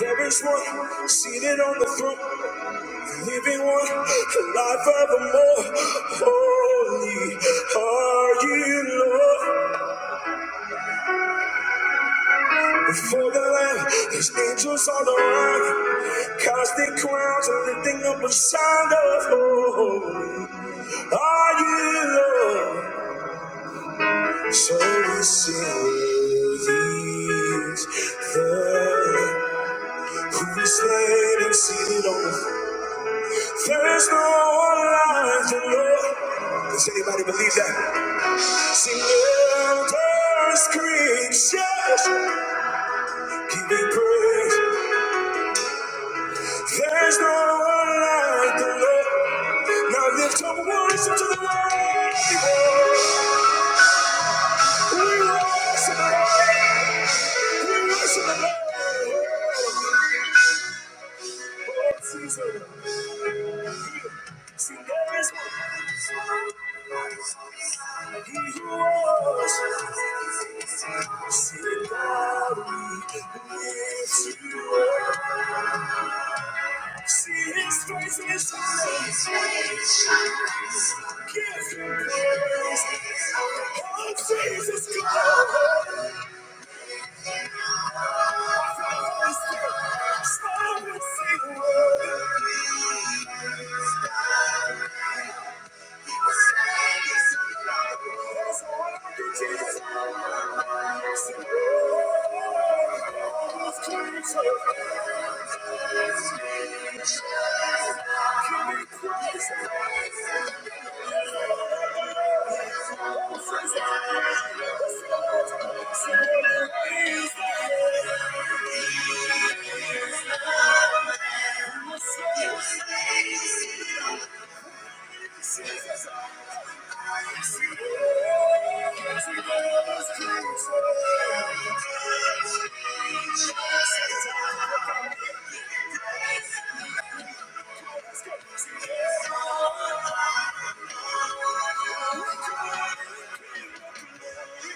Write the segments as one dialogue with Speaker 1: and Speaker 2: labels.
Speaker 1: There is one seated on the throne, living one, alive evermore. Holy are you, Lord. Before the Lamb, there's angels all around, casting crowns and lifting up a sound of holy are you, Lord. So we sing these the Lamb who is slain and seated on the throne. There's no one like the Lord. Does anybody believe that? Sing the first creatures, give me praise. There's no one like the Lord. Now lift up worship to the Lord. We worship the Lord. We worship the Lord. Jesus, God. Stop. Thank you. Thank you.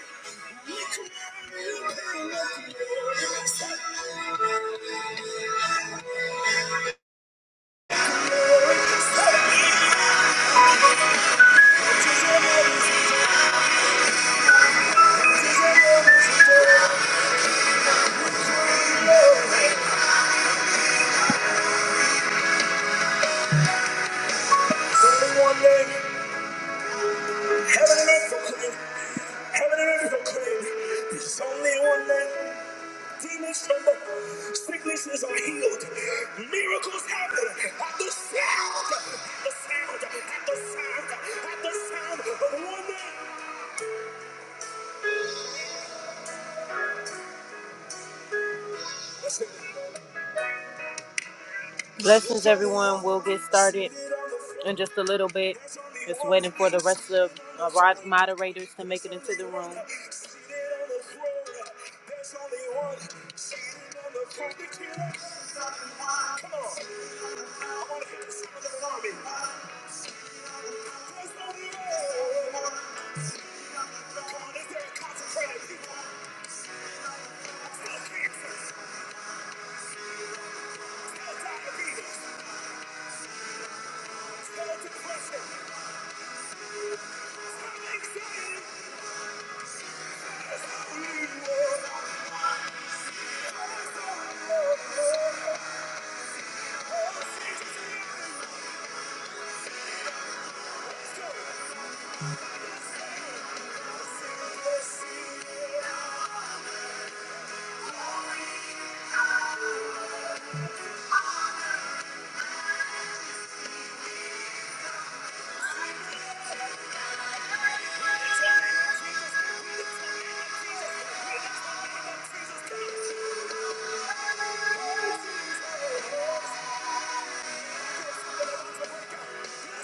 Speaker 1: Sicknesses are healed. Miracles happen at the sound, at the sound, at the sound, at the sound of one name. Blessings, everyone. We'll get started in just a little bit. Just waiting for the rest of the rod- moderators to make it into the room. Thank you. Thank you.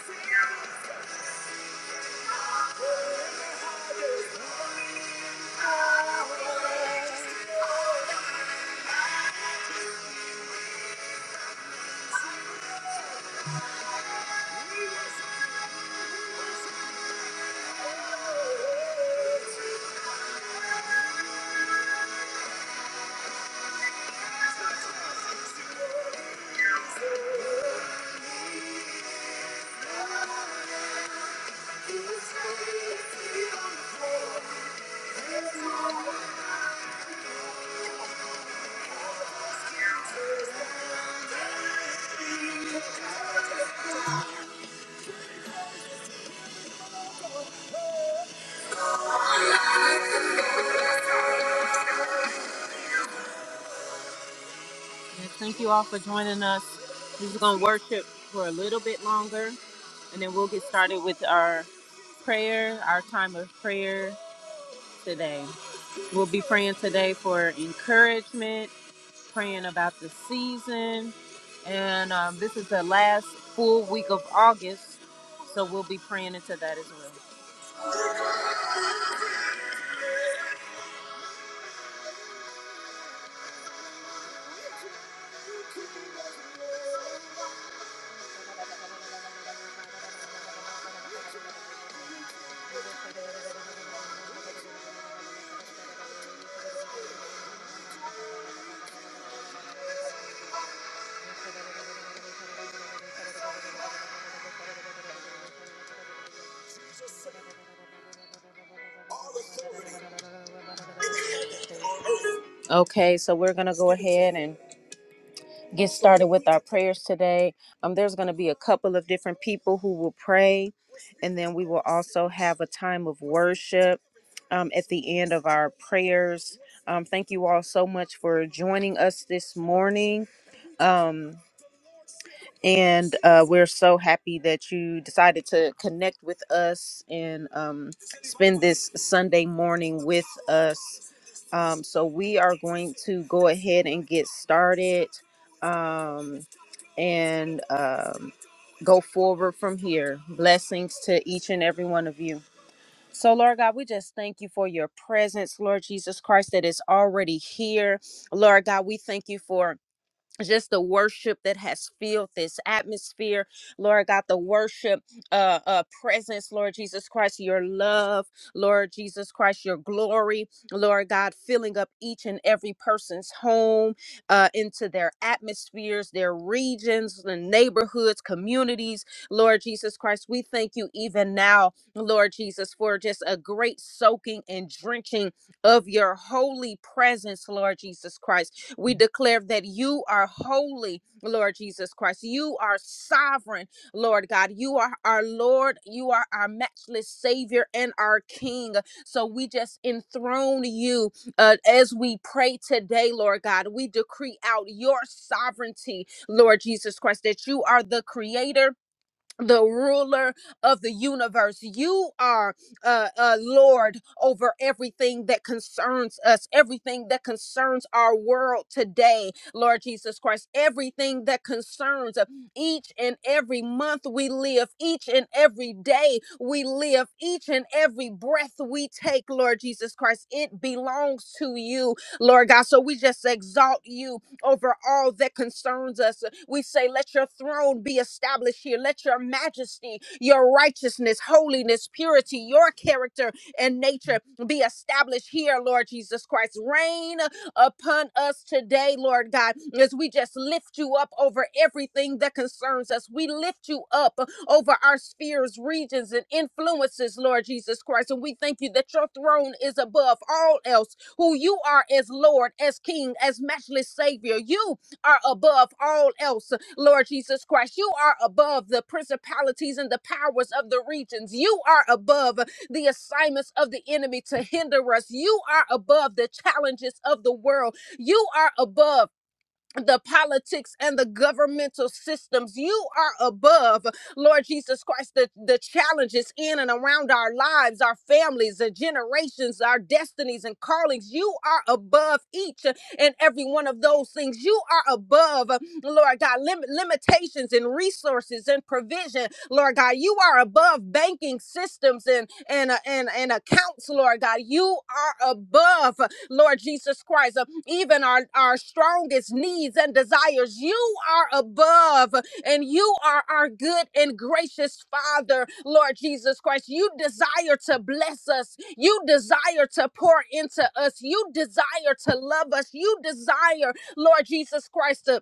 Speaker 1: And thank you all for joining us. We're just going to worship for a little bit longer, and then we'll get started with our prayer, our time of prayer today. We'll be praying today for encouragement, praying about the season. And um, this is the last full week of August. So we'll be praying into that as well. Okay, so we're going to go ahead and get started with our prayers today. Um, there's going to be a couple of different people who will pray, and then we will also have a time of worship um, at the end of our prayers. Um, thank you all so much for joining us this morning. Um, and uh, we're so happy that you decided to connect with us and um, spend this Sunday morning with us. Um, so we are going to go ahead and get started um, and um, go forward from here. Blessings to each and every one of you. So, Lord God, we just thank you for your presence, Lord Jesus Christ, that is already here. Lord God, we thank you for just the worship that has filled this atmosphere lord god the worship uh, uh presence lord jesus christ your love lord jesus christ your glory lord god filling up each and every person's home uh into their atmospheres their regions the neighborhoods communities lord jesus christ we thank you even now lord jesus for just a great soaking and drenching of your holy presence lord jesus christ we declare that you are holy, Lord Jesus Christ. You are sovereign, Lord God. You are our Lord. You are our matchless Savior and our King. So we just enthrone you uh, as we pray today, Lord God. We decree out your sovereignty, Lord Jesus Christ, that you are the creator the ruler of the universe. You are uh, uh, Lord over everything that concerns us, everything that concerns our world today, Lord Jesus Christ, everything that concerns uh, each and every month we live, each and every day we live, each and every breath we take, Lord Jesus Christ, it belongs to you, Lord God. So we just exalt you over all that concerns us we say, let your throne be established here. Let your majesty, your righteousness, holiness, purity, your character and nature be established here, Lord Jesus Christ. Reign upon us today, Lord God, as we just lift you up over everything that concerns us. We lift you up over our spheres, regions, and influences, Lord Jesus Christ. And we thank you that your throne is above all else, who you are as Lord, as King, as matchless Savior. You are above all else, Lord Jesus Christ. You are above the principalities and the powers of the regions. You are above the assignments of the enemy to hinder us. You are above the challenges of the world. You are above the politics and the governmental systems. You are above, Lord Jesus Christ, the, the challenges in and around our lives, our families, the generations, our destinies and callings. You are above each and every one of those things. You are above, Lord God, lim- limitations and resources and provision, Lord God. You are above banking systems and and uh, and, and accounts, Lord God. You are above, Lord Jesus Christ. uh, even our, our strongest needs and desires. You are above and you are our good and gracious Father, Lord Jesus Christ. You desire to bless us. You desire to pour into us. You desire to love us. You desire, Lord Jesus Christ, to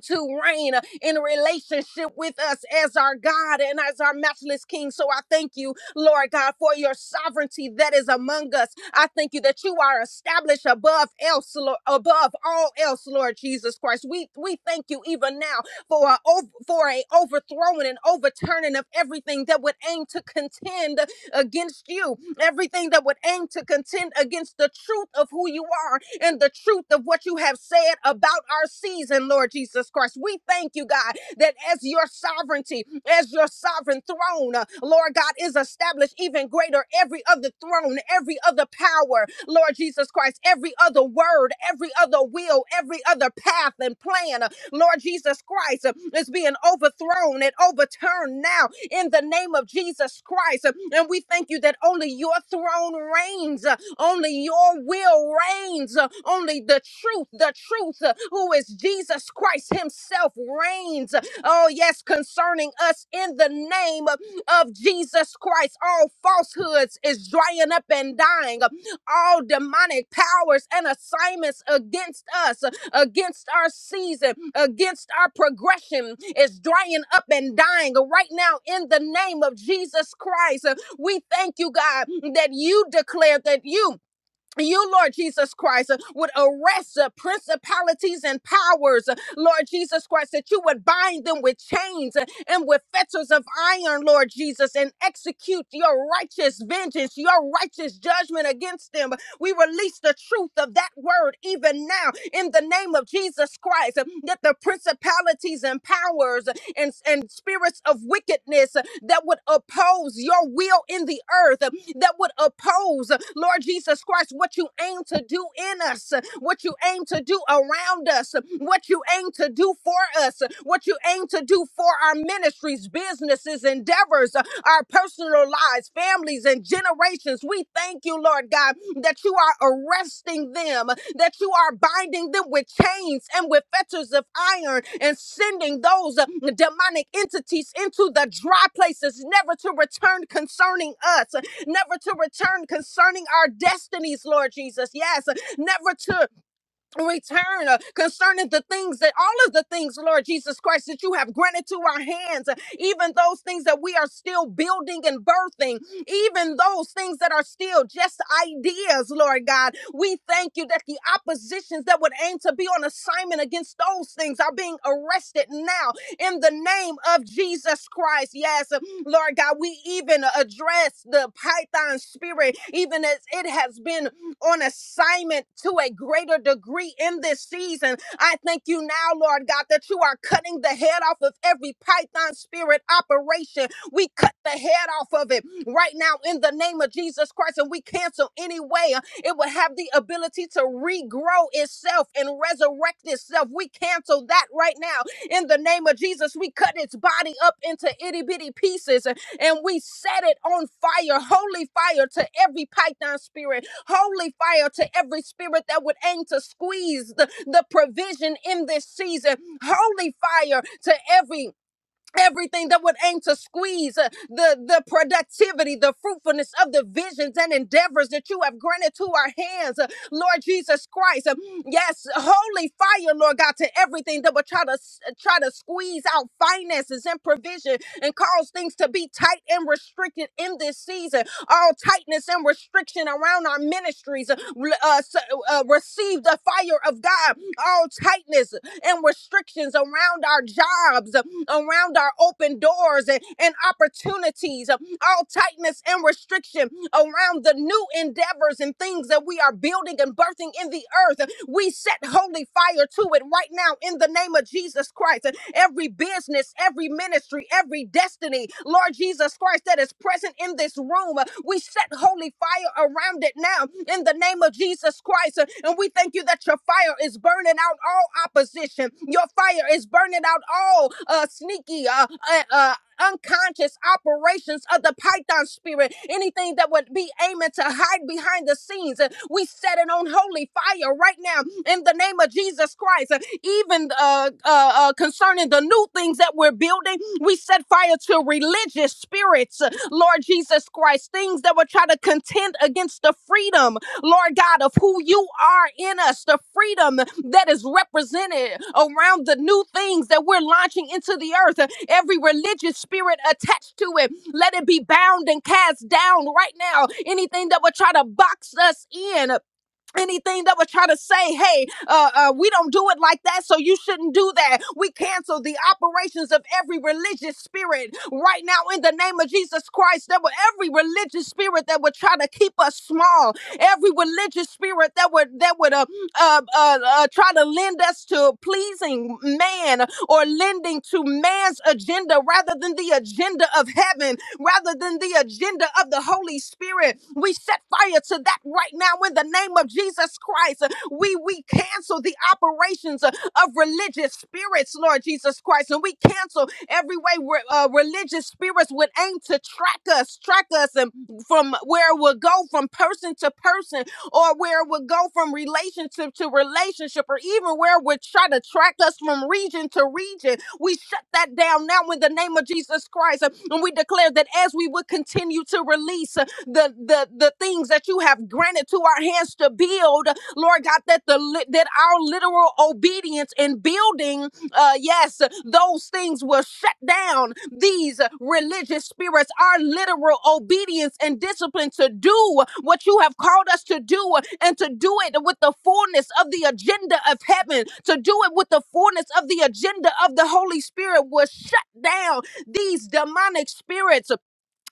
Speaker 1: to reign uh, in relationship with us as our God and as our matchless King. So I thank you, Lord God, for your sovereignty that is among us. I thank you that you are established above else, Lord, above all else, Lord Jesus Christ. We we thank you even now for a ov- for a overthrowing and overturning of everything that would aim to contend against you, everything that would aim to contend against the truth of who you are and the truth of what you have said about our season, Lord Jesus Christ. We thank you, God, that as your sovereignty, as your sovereign throne, uh, Lord God, is established even greater every other throne, every other power, Lord Jesus Christ, every other word, every other will, every other path and plan, uh, Lord Jesus Christ, uh, is being overthrown and overturned now in the name of Jesus Christ. And we thank you that only your throne reigns, only your will reigns, only the truth, the truth, who is Jesus Christ Himself, reigns. Oh, yes, concerning us in the name of Jesus Christ. All falsehoods is drying up and dying all demonic powers and assignments against us against our season, against our progression is drying up and dying right now in the name of Jesus Christ. Uh, We thank you, God, that you declared that you you, Lord Jesus Christ, uh, would arrest uh, principalities and powers, uh, Lord Jesus Christ, that you would bind them with chains uh, and with fetters of iron, Lord Jesus, and execute your righteous vengeance, your righteous judgment against them. We release the truth of that word even now in the name of Jesus Christ, uh, that the principalities and powers uh, and, and spirits of wickedness uh, that would oppose your will in the earth, that would oppose, Lord Jesus Christ, what you aim to do in us, what you aim to do around us, what you aim to do for us, what you aim to do for our ministries, businesses, endeavors our personal lives, families, and generations. We thank you, Lord God, that you are arresting them, that you are binding them with chains and with fetters of iron and sending those uh, demonic entities into the dry places, never to return concerning us, never to return concerning our destinies, Lord Jesus. Yes, never to return uh, concerning the things that all of the things, Lord Jesus Christ, that you have granted to our hands, uh, even those things that we are still building and birthing, even those things that are still just ideas, Lord God. We thank you that the oppositions that would aim to be on assignment against those things are being arrested now in the name of Jesus Christ. Yes, uh, Lord God, we even address the python spirit, even as it has been on assignment to a greater degree in this season. I thank you now, Lord God, that you are cutting the head off of every python spirit operation. We cut the head off of it right now in the name of Jesus Christ, and we cancel any way uh, it would have the ability to regrow itself and resurrect itself. We cancel that right now in the name of Jesus. We cut its body up into itty bitty pieces uh, and we set it on fire, holy fire to every python spirit holy fire to every spirit that would aim to squeeze the, the provision in this season, holy fire to every Everything that would aim to squeeze uh, the, the productivity, the fruitfulness of the visions and endeavors that you have granted to our hands, uh, Lord Jesus Christ. Uh, Yes, holy fire, Lord God, to everything that would try to s- uh, try to squeeze out finances and provision and cause things to be tight and restricted in this season. All tightness and restriction around our ministries uh, re- uh, s- uh, receive the fire of God. All tightness and restrictions around our jobs, around our open doors and, and opportunities, all tightness and restriction around the new endeavors and things that we are building and birthing in the earth. We set holy fire to it right now in the name of Jesus Christ. Every business, every ministry, every destiny, Lord Jesus Christ, that is present in this room, we set holy fire around it now in the name of Jesus Christ. And we thank you that your fire is burning out all opposition. Your fire is burning out all uh, sneaky, uh, uh, uh, unconscious operations of the python spirit, anything that would be aiming to hide behind the scenes. Uh, We set it on holy fire right now in the name of Jesus Christ. Uh, Even uh, uh, uh, concerning the new things that we're building, we set fire to religious spirits, uh, Lord Jesus Christ, things that would try to contend against the freedom Lord God, of who you are in us, the freedom that is represented around the new things that we're launching into the earth. Every religious spirit attached to it, let it be bound and cast down right now. Anything that would try to box us in, anything that would try to say, hey, uh, uh, we don't do it like that, so you shouldn't do that. We cancel the operations of every religious spirit right now in the name of Jesus Christ. That would every religious spirit that would try to keep us small, every religious spirit that would that would uh, uh, uh, uh, try to lend us to pleasing man or lending to man's agenda rather than the agenda of heaven rather than the agenda of the Holy Spirit. We set fire to that right now in the name of Jesus Christ. We we cancel the operations of religious spirits, Lord Jesus Christ, and we cancel every way where uh, religious spirits would aim to track us, track us, and from where we'll go from person to person or where it would go from relationship to relationship, or even where it would try to track us from region to region. We shut that down now in the name of Jesus Christ. uh, And we declare that as we would continue to release uh, the, the, the things that you have granted to our hands to build, Lord God, that the li- that our literal obedience in building uh, yes, those things will shut down these religious spirits. Our literal obedience and discipline to do what you have called us to do and to do it with the fullness of the agenda of heaven, to do it with the fullness of the agenda of the Holy Spirit will shut down these demonic spirits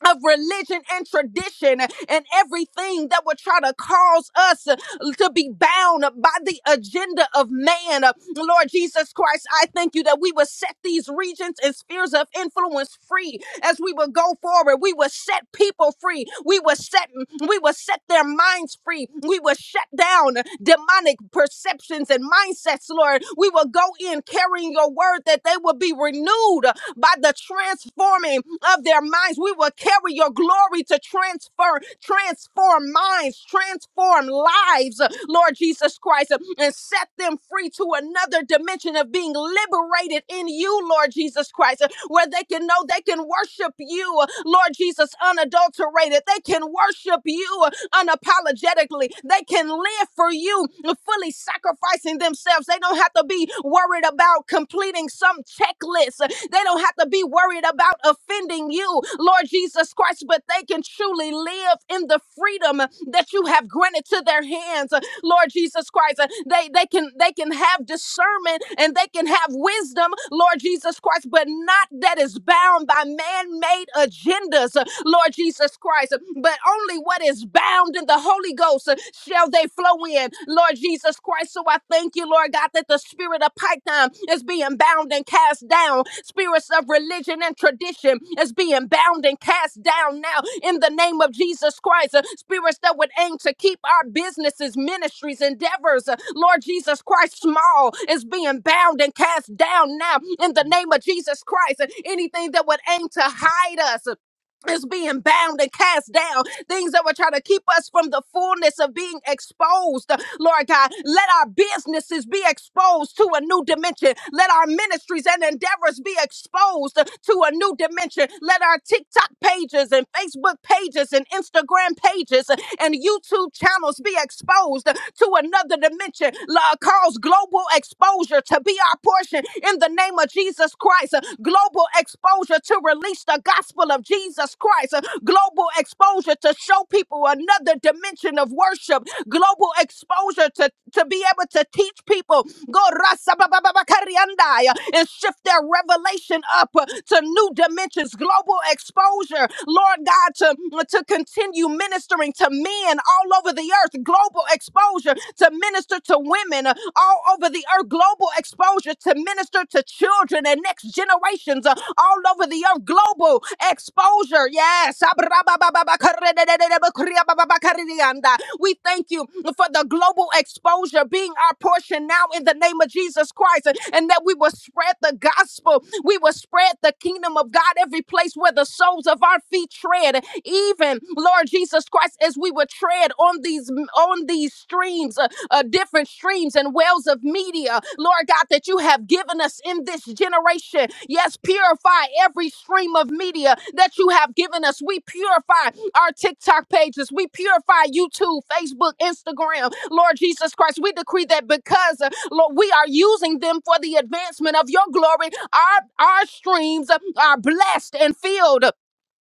Speaker 1: of religion and tradition and everything that would try to cause us uh, to be bound by the agenda of man. Uh, Lord Jesus Christ, I thank you that we will set these regions and spheres of influence free as we would go forward. We would set people free. We would set we would set their minds free. We would shut down demonic perceptions and mindsets, Lord. We will go in carrying your word that they will be renewed by the transforming of their minds. We will carry your glory to transfer, transform minds, transform lives, Lord Jesus Christ. Christ, and set them free to another dimension of being liberated in you, Lord Jesus Christ, where they can know they can worship you, Lord Jesus, unadulterated. They can worship you unapologetically. They can live for you, fully sacrificing themselves. They don't have to be worried about completing some checklist. They don't have to be worried about offending you you, Lord Jesus Christ, but they can truly live in the freedom that you have granted to their hands. Lord Jesus Christ. Uh, They they can they can have discernment and they can have wisdom, Lord Jesus Christ, but not that is bound by man-made agendas, uh, Lord Jesus Christ. uh, But only what is bound in the Holy Ghost uh, shall they flow in, Lord Jesus Christ so I thank you, Lord God, that the spirit of Python is being bound and cast down. Spirits of religion and tradition is being bound and cast down now in the name of Jesus Christ. Uh, Spirits that would aim to keep our businesses, ministries, endeavors, uh, Lord Jesus Christ, small is being bound and cast down now in the name of Jesus Christ. Uh, Anything that would aim to hide us, uh, is being bound and cast down. Things that were trying to keep us from the fullness of being exposed. Lord God, let our businesses be exposed to a new dimension. Let our ministries and endeavors be exposed to a new dimension. Let our TikTok pages and Facebook pages and Instagram pages and YouTube channels be exposed to another dimension. Lord, cause global exposure exposure to be our portion in the name of Jesus Christ. Uh, Global exposure to release the gospel of Jesus Christ. Uh, Global exposure to show people another dimension of worship. Global exposure to, to be able to teach people go rasa ba- ba- ba- ba- kariandai, uh, and shift their revelation up uh, to new dimensions. Global exposure, Lord God, to, to continue ministering ministering to men all over the earth, global exposure to minister to women uh, all over the earth, global exposure to minister to children and next generations uh, all over the earth, global exposure. Yes. We thank you for the global exposure being our portion now in the name of Jesus Christ and that we will spread the gospel we will spread the kingdom of God every place where the soles of our feet tread. Even Lord Jesus Christ, as we would tread on these on these streams, uh, uh, different streams and wells of media, Lord God, that you have given us in this generation. Yes, purify every stream of media that you have given us. We purify our TikTok pages. We purify YouTube, Facebook, Instagram. Lord Jesus Christ, we decree that because, uh, Lord, we are using them for the advancement of your glory, our, our streams uh, are blessed and filled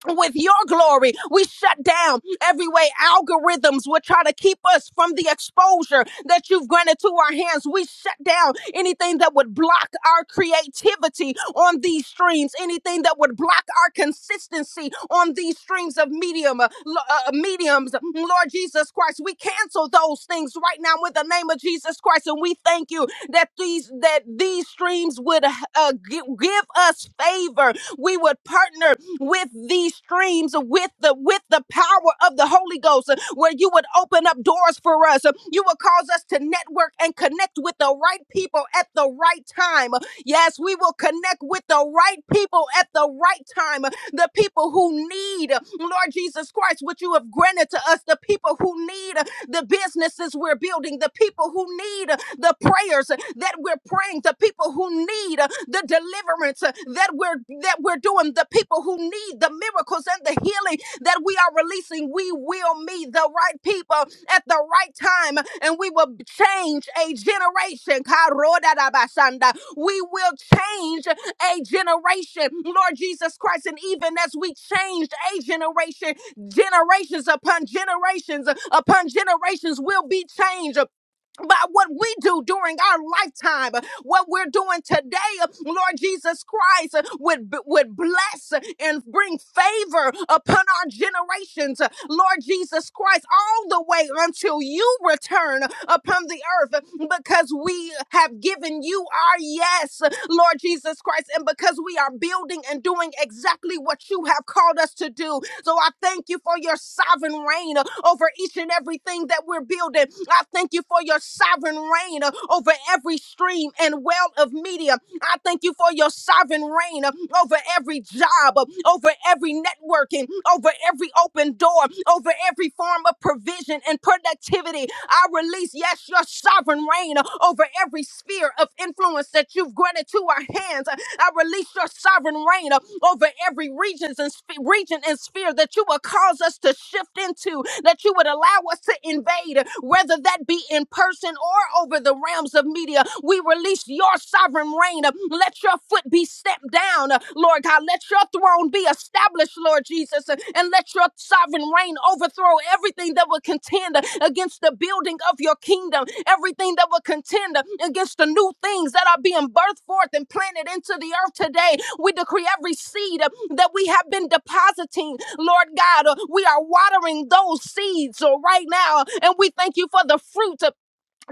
Speaker 1: with your glory. We shut down every way algorithms will try to keep us from the exposure that you've granted to our hands. We shut down anything that would block our creativity on these streams, anything that would block our consistency on these streams of medium uh, lo- uh, uh, mediums. Lord Jesus Christ, we cancel those things right now with the name of Jesus Christ, and we thank you that these that these streams would uh, gi- give us favor we would partner with these streams with the with the power of the Holy Ghost uh, where you would open up doors for us Uh, you would cause us to network and connect with the right people at the right time Uh, yes we will connect with the right people at the right time Uh, the people who need uh, Lord Jesus Christ what you have granted to us the people who need uh, the businesses we're building, the people who need uh, the prayers uh, that we're praying, the people who need uh, the deliverance uh, that we're that we're doing, the people who need the miracles and the healing that we are releasing. We will meet the right people at the right time and we will change a generation. Karodadabasanda. We will change a generation, Lord Jesus Christ. And even as we changed a generation, generations upon generations upon generations will be changed by what we do during our lifetime, uh, what we're doing today, uh, Lord Jesus Christ, uh, would, b- would bless uh, and bring favor upon our generations, uh, Lord Jesus Christ, all the way until you return upon the earth uh, because we have given you our yes, uh, Lord Jesus Christ, and because we are building and doing exactly what you have called us to do. So I thank you for your sovereign reign uh, over each and everything that we're building. I thank you for your sovereign reign uh, over every stream and well of media. I thank you for your sovereign reign uh, over every job, uh, over every networking, over every open door, over every form of provision and productivity. I release, yes, your sovereign reign uh, over every sphere of influence that you've granted to our hands. I release your sovereign reign uh, over every regions and sp- region and sphere that you will cause us to shift into, that you would allow us to invade, uh, whether that be in person or over the realms of media. We release your sovereign reign. uh, Let your foot be stepped down, uh, Lord God. Let your throne be established establish, Lord Jesus, uh, and let your sovereign reign overthrow everything that will contend uh, against the building of your kingdom, everything that will contend uh, against the new things that are being birthed forth and planted into the earth today. We decree every seed uh, that we have been depositing, Lord God, uh, we are watering those seeds uh, right now, and we thank you for the fruit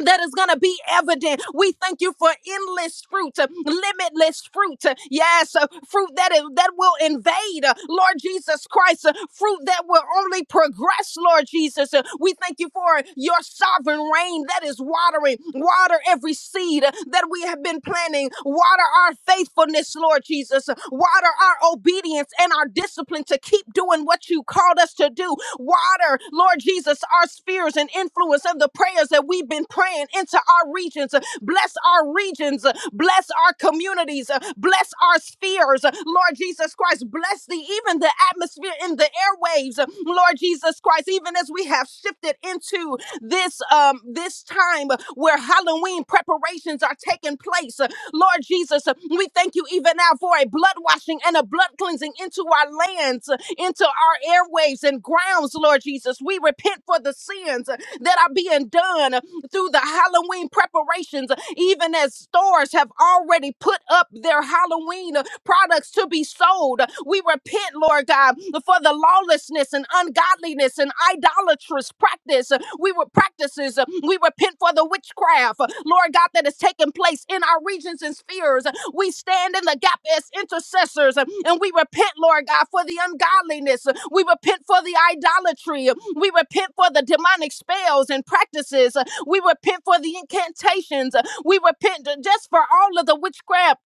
Speaker 1: that is going to be evident. We thank you for endless fruit, uh, limitless fruit. uh, Yes, uh, fruit that is, that will invade, uh, Lord Jesus Christ, uh, fruit that will only progress, Lord Jesus. Uh, We thank you for your sovereign reign that is watering, water every seed uh, that we have been planting, water our faithfulness, Lord Jesus, uh, water our obedience and our discipline to keep doing what you called us to do, water, Lord Jesus, our spheres and influence of the prayers that we've been been praying into our regions. Bless our regions. Bless our communities. Bless our spheres. Lord Jesus Christ, bless the even the atmosphere in the airwaves. Lord Jesus Christ, even as we have shifted into this um this time where Halloween preparations are taking place. Lord Jesus, we thank you even now for a blood washing and a blood cleansing into our lands, into our airwaves and grounds, Lord Jesus. We repent for the sins that are being done through the Halloween preparations, even as stores have already put up their Halloween uh, products to be sold. We repent, Lord God, for the lawlessness and ungodliness and idolatrous practice. We were practices. We repent for the witchcraft, Lord God, that has taken place in our regions and spheres. We stand in the gap as intercessors and we repent, Lord God, for the ungodliness. We repent for the idolatry. We repent for the demonic spells and practices we repent for the incantations. We repent just for all of the witchcraft.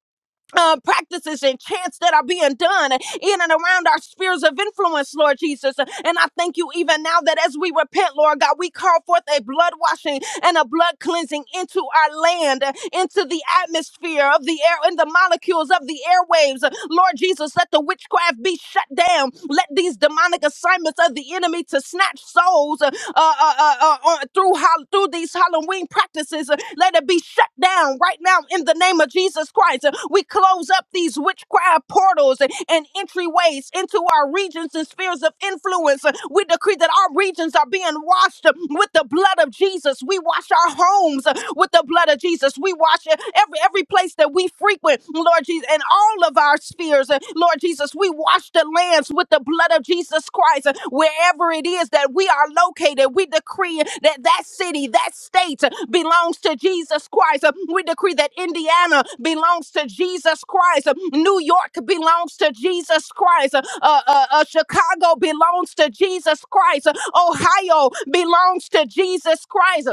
Speaker 1: Uh, practices and chants that are being done in and around our spheres of influence, Lord Jesus. And I thank you even now that as we repent, Lord God, we call forth a blood washing and a blood cleansing into our land, into the atmosphere of the air and the molecules of the airwaves. Lord Jesus, let the witchcraft be shut down. Let these demonic assignments of the enemy to snatch souls uh, uh, uh, uh, uh, uh, through hol- through these Halloween practices, uh, let it be shut down right now in the name of Jesus Christ. Uh, We close up these witchcraft portals and and entryways into our regions and spheres of influence. Uh, We decree that our regions are being washed uh, with the blood of Jesus. We we wash our homes uh, with the blood of Jesus. We wash uh, every every place that we frequent, Lord Jesus, and all of our spheres, uh, Lord Jesus. We wash the lands with the blood of Jesus Christ. Uh, Wherever it is that we are located, we decree that that city, that state uh, belongs to Jesus Christ. Uh, We decree that Indiana belongs to Jesus Christ. Uh, New York belongs to Jesus Christ. Uh, uh, uh, uh, Chicago belongs to Jesus Christ. Uh, Ohio belongs to Jesus Christ.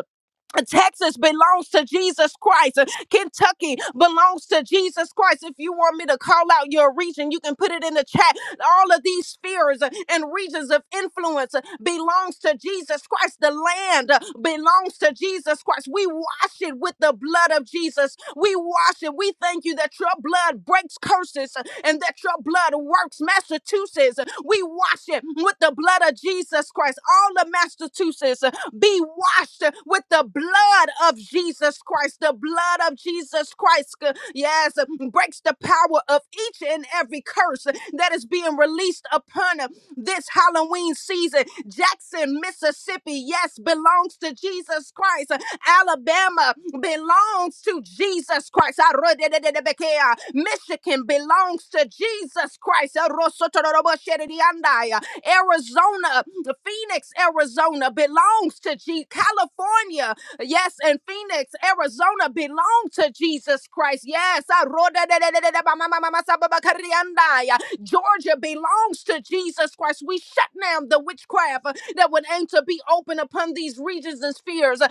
Speaker 1: Texas belongs to Jesus Christ. Uh, Kentucky belongs to Jesus Christ. If you want me to call out your region, you can put it in the chat. All of these spheres uh, and regions of influence uh, belongs to Jesus Christ. The land uh, belongs to Jesus Christ. We wash it with the blood of Jesus. We wash it. We thank you that your blood breaks curses. uh, and that your blood works. Massachusetts, we wash it with the blood of Jesus Christ. All of Massachusetts be washed with the blood of Jesus Christ. The blood of Jesus Christ, uh, yes, breaks the power of each and every curse that is being being released upon this Halloween season. Jackson, Mississippi, yes, belongs to Jesus Christ. Alabama belongs to Jesus Christ. Arodededebekea. Michigan belongs to Jesus Christ. Arosotorobosherediandaya. Arizona, Phoenix, Arizona belongs to G. California, yes, and Phoenix, Arizona belong to Jesus Christ. Yes. Arodedededebamamamasababakariandaya. Georgia belongs to Jesus Christ. We shut down the witchcraft uh, that would aim to be open upon these regions and spheres. Uh,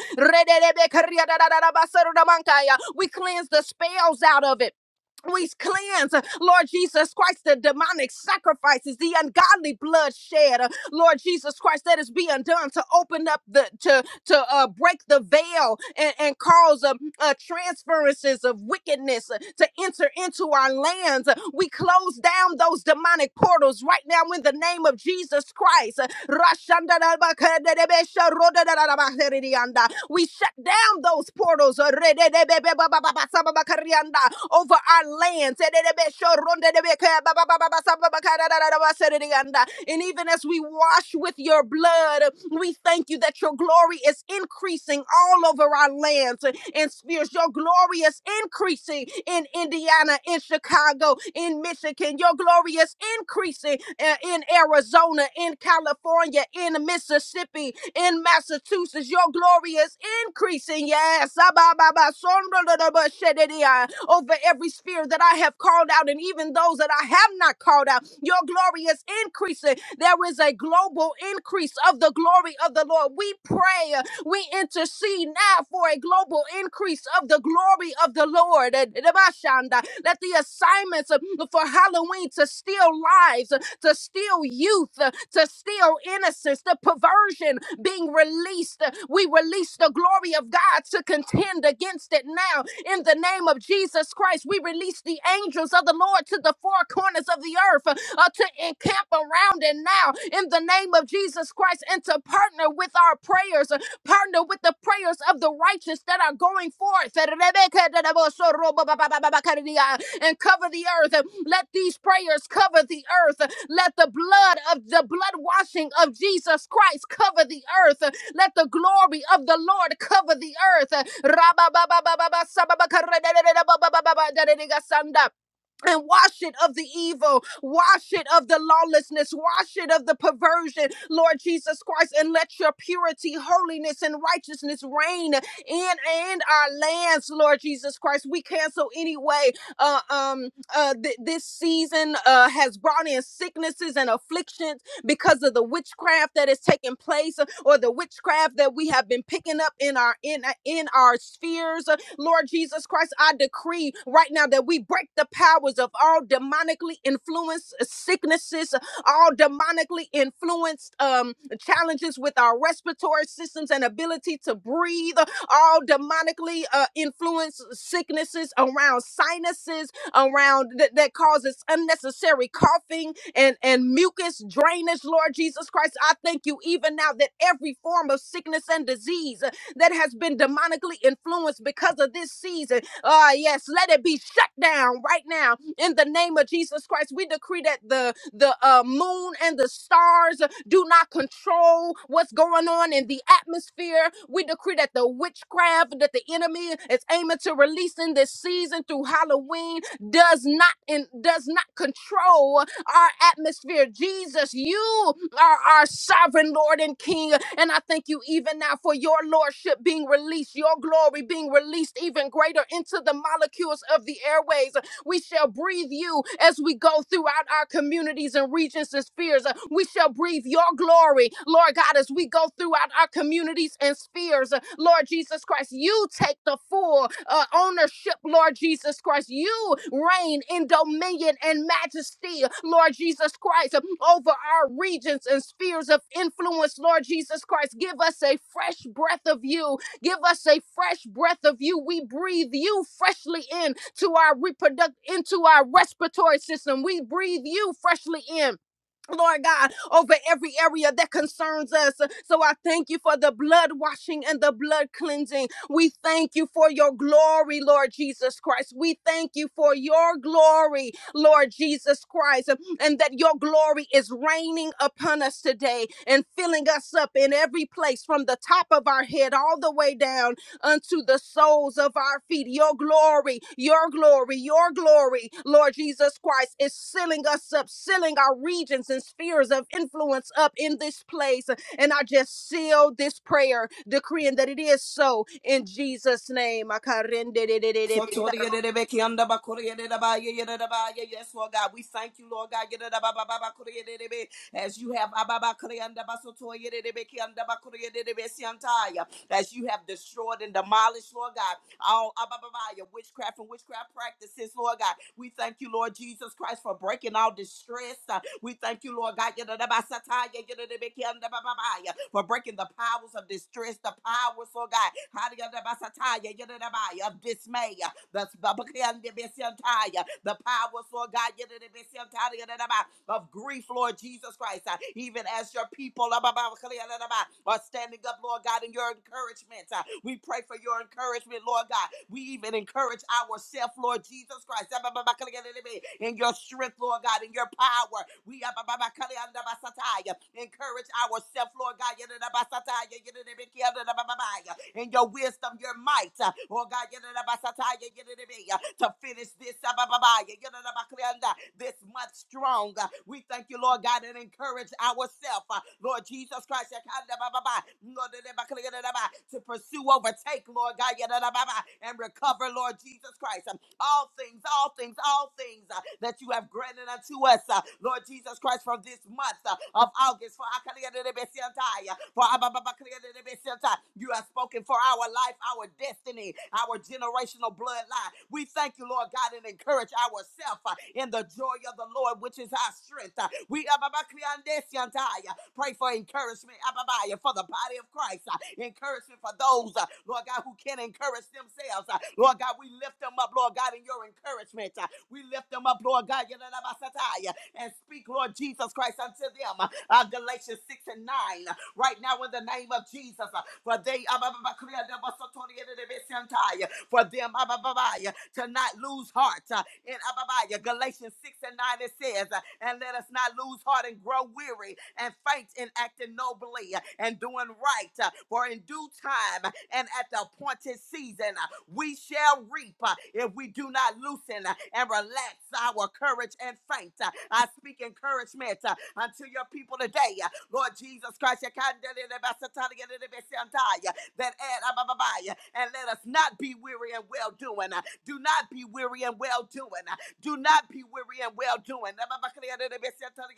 Speaker 1: We cleanse the spells out of it. We cleanse, uh, Lord Jesus Christ, the demonic sacrifices, the ungodly bloodshed, uh, Lord Jesus Christ, that is being done to open up the to to uh, break the veil and, and cause uh, uh, transferences of wickedness uh, to enter into our lands. Uh, We close down those demonic portals right now in the name of Jesus Christ. Rashanda da ba de de be sha ro da da da ba he re di anda. We shut down those portals uh, re de de be be ba ba ba ba sa ba ba ka ri anda, over our lands. Eh, de de be sha ro de be ka ba ba ba ba ba sa ba ba ka da da da da ba se re di anda. And even as we wash with your blood, we thank you that your glory is increasing all over our lands and spheres. Your glory is increasing in Indiana Atlanta, in Chicago, in Michigan. Your glory is increasing uh, in Arizona, in California, in Mississippi, in Massachusetts. Your glory is increasing. Yes. Over every spirit that I have called out and even those that I have not called out, your glory is increasing. There is a global increase of the glory of the Lord. We pray. We intercede now for a global increase of the glory of the Lord. Eh, Let the assignments uh, for Halloween to steal lives, uh, to steal youth, uh, to steal innocence, the perversion being released. Uh, We release the glory of God to contend against it now. In the name of Jesus Christ, we release the angels of the Lord to the four corners of the earth uh, uh, to encamp around it now. In the name of Jesus Christ, and to partner with our prayers eh, Partner with the prayers of the righteous that are going forth. And cover the earth. Let these prayers cover the earth. Let the blood of the blood washing of Jesus Christ cover the earth. Let the glory of the Lord cover the earth and wash it of the evil, wash it of the lawlessness, wash it of the perversion, Lord Jesus Christ, and let your purity, holiness, and righteousness reign in and our lands, Lord Jesus Christ. We cancel anyway. Uh, um, uh, th- this season uh, has brought in sicknesses and afflictions because of the witchcraft that is taking place, uh, or the witchcraft that we have been picking up in our in in our spheres, Lord Jesus Christ, I decree right now that we break the powers of all demonically influenced sicknesses, all demonically influenced um, challenges with our respiratory systems and ability to breathe, all demonically uh, influenced sicknesses around sinuses, around that that causes unnecessary coughing and, and mucus drainage, Lord Jesus Christ. I thank you even now that every form of sickness and disease that has been demonically influenced because of this season. Ah, yes, let it be shut down right now in the name of Jesus Christ. We decree that the the uh, moon and the stars do not control what's going on in the atmosphere. We decree that the witchcraft that the enemy is aiming to release in this season through Halloween does not and does not control our atmosphere. Jesus, you are our sovereign Lord and King. And I thank you even now for your lordship being released, your glory being released even greater into the molecules of the airways. We shall breathe you as we go throughout our communities and regions and spheres. Uh, We shall breathe your glory, Lord God, as we go throughout our communities and spheres. Uh, Lord Jesus Christ, you take the full uh, ownership, Lord Jesus Christ. You reign in dominion and majesty, Lord Jesus Christ, uh, over our regions and spheres of influence, Lord Jesus Christ. Give us a fresh breath of you. Give us a fresh breath of you. We breathe you freshly in to our reproductive, into our respiratory system. We breathe you freshly in. Lord God, over every area that concerns us. So I thank you for the blood washing and the blood cleansing. We thank you for your glory, Lord Jesus Christ. We thank you for your glory, Lord Jesus Christ, and that your glory is raining upon us today and filling us up in every place from the top of our head all the way down unto the soles of our feet. Your glory, your glory, your glory, Lord Jesus Christ, is sealing us up, sealing our regions and spheres of influence up in this place. And I just seal this prayer, decreeing that it is so in Jesus' name.
Speaker 2: So Tori, de da, beki, anda, ba, kori, de da, ba, ya, yada, da, ba, ya. Yes, Lord God, we thank you, Lord God. yada, da, ba, ba, ba, ba, kori, yada, da, be. As you have ah, ba, ba, kori, anda, ba, so Tori, yada, da, beki, anda, ba, kori, de da, be, si, antaya. as you have destroyed and demolished, Lord God, all ah, ba, ba, ba, witchcraft and witchcraft practices, Lord God. We thank you, Lord Jesus Christ, for breaking all distress. Uh, We thank you, Lord God, yada, da, ba, sa, ta, ya, yada, da, beki, anda, ba, ba, ba, ya, for breaking the powers of distress, the powers, Lord God, how do you, ba, sa, ta, ya, yada, ba, ya, of dismay dismay. That's the powers, Lord God, of grief, Lord Jesus Christ. Uh, Even as your people uh, are standing up, Lord God, in your encouragement. uh, We pray for your encouragement, Lord God. We even encourage ourselves, Lord Jesus Christ, in your strength, Lord God, in your power. We uh, encourage encourage ourselves, Lord God. In your wisdom, your might, uh, oh God, to finish this this month strong. Uh, We thank you, Lord God, and encourage ourselves, uh, Lord Jesus Christ, to pursue, overtake, Lord God, and recover, Lord Jesus Christ all things, all things, all things uh, that you have granted unto us, uh, Lord Jesus Christ, from this month uh, of August. For our Kaliyadidibisiyantai, uh, for our Bababakaliyadidibisiyantai. you have spoken for our life, our destiny, our generational bloodline. We thank you, Lord God, and encourage ourselves uh, in the joy of the Lord, which is our strength. Uh, We Pray for encouragement, Ababaya, for the body of Christ. uh, Encouragement for those, uh, Lord God, who can not encourage themselves. uh, Lord God, we lift them up, Lord God, in your encouragement. uh, We lift them up, Lord God, and speak, Lord Jesus Christ, unto them. uh, uh, Galatians 6 and 9. uh, Right now, in the name of Jesus, uh, for they, Abababa, Kriya, for them. Ababaya, to not lose heart. Uh, In Ababaya, Galatians 6 and 9, it says, uh, And let us not lose heart and grow weary and faint in acting nobly uh, and doing right. uh, For in due time uh, and at the appointed season, uh, we shall reap uh, if we do not loosen uh, and relax our courage and faint. Uh, I speak encouragement uh, unto your people today. Uh, Lord Jesus Christ, you can't that add up, up, and let us not be weary and well doing. ah. Do not be weary and well doing. ah. Do not be weary and well doing. Up, up, up,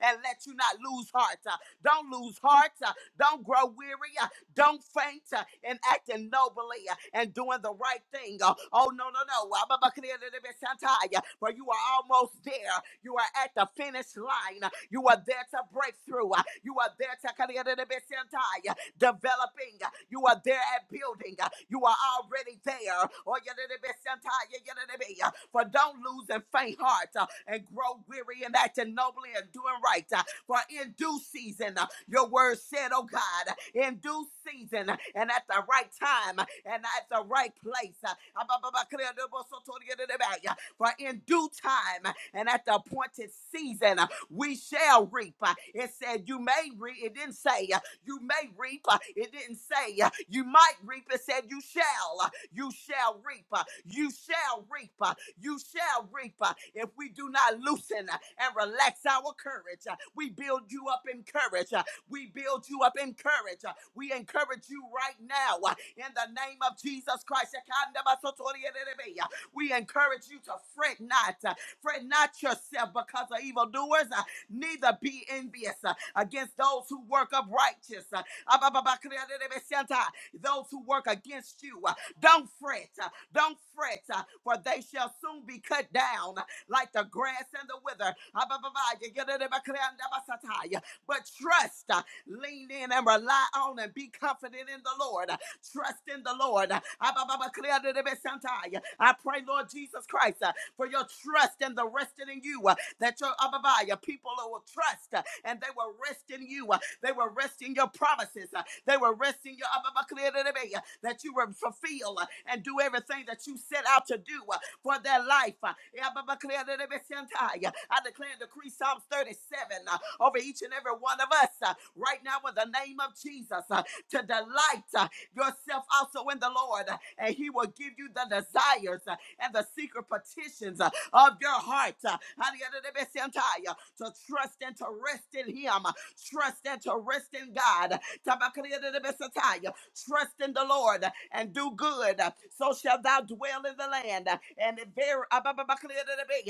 Speaker 2: And let you not lose heart. ah. Don't lose heart. ah. Don't grow weary. ah. Don't faint ah, in acting nobly ah, and doing the right thing. ah. Oh, no, no, no. Up, up, up, For you are almost there. You are at the finish line. ah. You are there to break through. ah. You are there to developing. You are there at building. You are already there. Oh, yeah, that it be sometime, yeah, yeah, that it For don't lose and faint heart uh, and grow weary and acting nobly and doing right. Uh, For in due season, uh, your word said, oh God, in due season uh, and at the right time uh, and at the right place. Uh, For in due time uh, and at the appointed season, uh, we shall reap. Uh, It said, You may reap. It didn't say. uh, you may reap. Uh, It didn't say uh, you might reap. It said you shall. uh, You shall reap. uh, You shall reap. uh, You shall reap. uh, If we do not loosen uh, and relax our courage, Uh, we build you up in courage. Uh, We build you up in courage. Uh, We encourage you right now uh, in the name of Jesus Christ. Ekandabasotorielelebe, uh, We encourage you to fret not. uh, Fret not yourself because of evildoers, uh, neither be envious. Uh, against those who work up righteous. uh, Abababakriadebesianta, Those who work against you. uh, Don't fret. uh, Don't fret, uh, for they shall soon be cut down uh, like the grass and the wither. Abababakriadebakriandabasataya. But trust, uh, lean in and rely on and be confident in the Lord. uh, Trust in the Lord. Uh, Abababakriadebesianta. I pray, Lord Jesus Christ, uh, for your trust and the resting in you. Uh, that your Abba, your people will trust uh, and they will rest in you. uh, They will rest in your promises. uh, They will rest in your Abba, uh, that you will fulfill uh, and do everything that you set out to do uh, for their life. uh, Abba, I declare and decree Psalms 37 uh, over each and every one of us uh, right now in the name of Jesus uh, to delight uh, yourself also in the Lord, uh, and He will give you the desires uh, and the secret petitions. uh, of your heart. uh, To trust and to rest in Him. uh, Trust and to rest in God. Tabakariadadabesataya. Trust in the Lord uh, and do good. uh, So shall thou dwell in the land. uh, And it ver-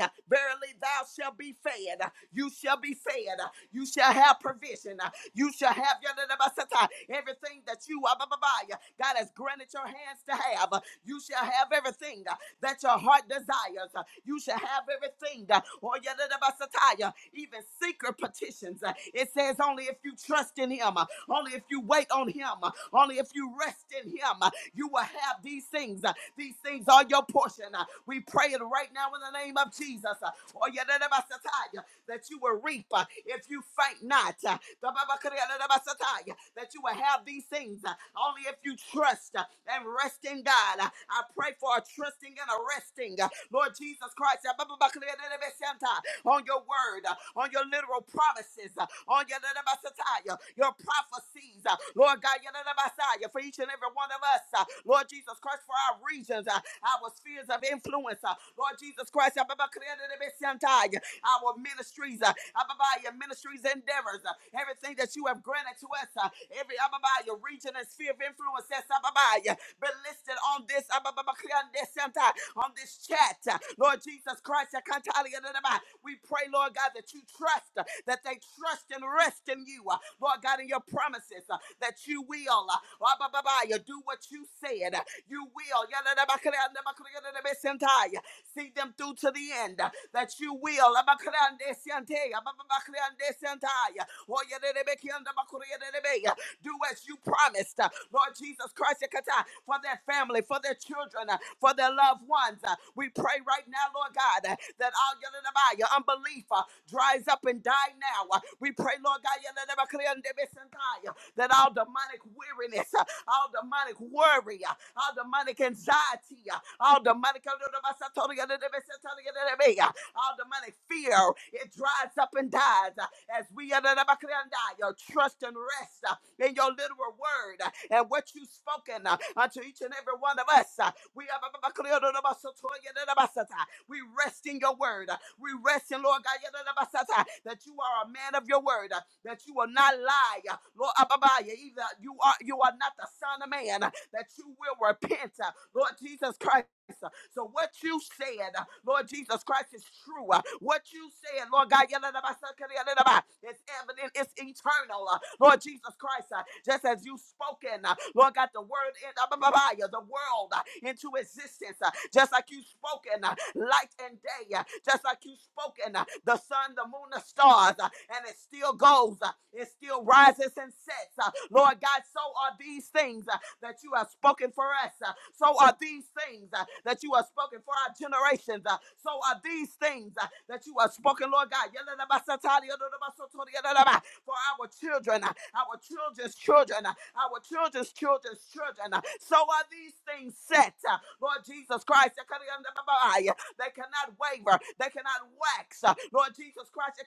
Speaker 2: uh, verily thou shalt be fed. uh, You shall be fed. uh, You shall have provision. uh, You shall have yadadabasata, everything that you abababaya, God has granted your hands to have. uh, You shall have everything that your heart desires. Uh, You shall have everything. uh, or yadadabasataya, Even secret petitions. Uh, It says only if you trust in him, uh, only if you wait on him, uh, only if you rest in him, uh, you will have these things. Uh, These things are your portion. Uh, We pray it right now in the name of Jesus. Uh, or yadadabasataya, that you will reap uh, if you faint not. Uh, That you will have these things uh, only if you trust uh, and rest in God. Uh, I pray for a trusting and a resting. uh, Lord Jesus Christ, uh, on your word, uh, on your literal promises, uh, on your your prophecies, uh, Lord God, for each and every one of us, uh, Lord Jesus Christ, for our regions, uh, our spheres of influence, uh, Lord Jesus Christ, our ministries, uh, Abba, your ministries endeavors, uh, everything that you have granted to us, uh, every Abba, your region and sphere of influence that's Ababaya been listed on this Abababa Kriande Center, on this chat. uh, Lord Jesus Christ, Akantali Adonai, we pray, Lord God, that you trust, uh, that they trust and rest in you, uh, Lord God, in your promises, uh, that you will, uh, Ababaya, do what you said, uh, you will. See them through to the end. uh, That you will. uh, Do as you promised. uh, Lord Jesus Christ, yakata, for their family, for their children, uh, for their loved ones. uh, We pray right now, Lord God, uh, that all your unbelief uh, dries up and die now. Uh, We pray, Lord God, that all demonic weariness, uh, all demonic worry. uh, all demonic anxiety, uh, all demonic, all demonic fear, it dries up and dies uh, as we uh, your trust and rest uh, in your literal word uh, and what you've spoken uh, unto each and every one of us. uh, We are we rest in your word. We rest in, Lord God, that you are a man of your word, that you will not lie. Lord Ababaya, either you are you are not the son of man, that you will repent. Lord Jesus Christ. So what you said, uh, Lord Jesus Christ, is true. Uh, What you said, Lord God, is evident, it's eternal. Uh, Lord Jesus Christ, uh, just as you spoken, uh, Lord God, the word in uh, the world uh, into existence, uh, just like you spoken, uh, light and day, uh, just like you spoken, uh, the sun, the moon, the stars, uh, and it still goes, uh, it still rises and sets. uh, Lord God, so are these things. uh, that you have spoken for us. Uh, So are these things uh, that you have spoken for our generations. Uh, So are these things uh, that you have spoken, Lord God, for our children, uh, our children's children, uh, our children's children's children. uh, So are these things set, uh, Lord Jesus Christ. They cannot waver, they cannot wax, uh, Lord Jesus Christ.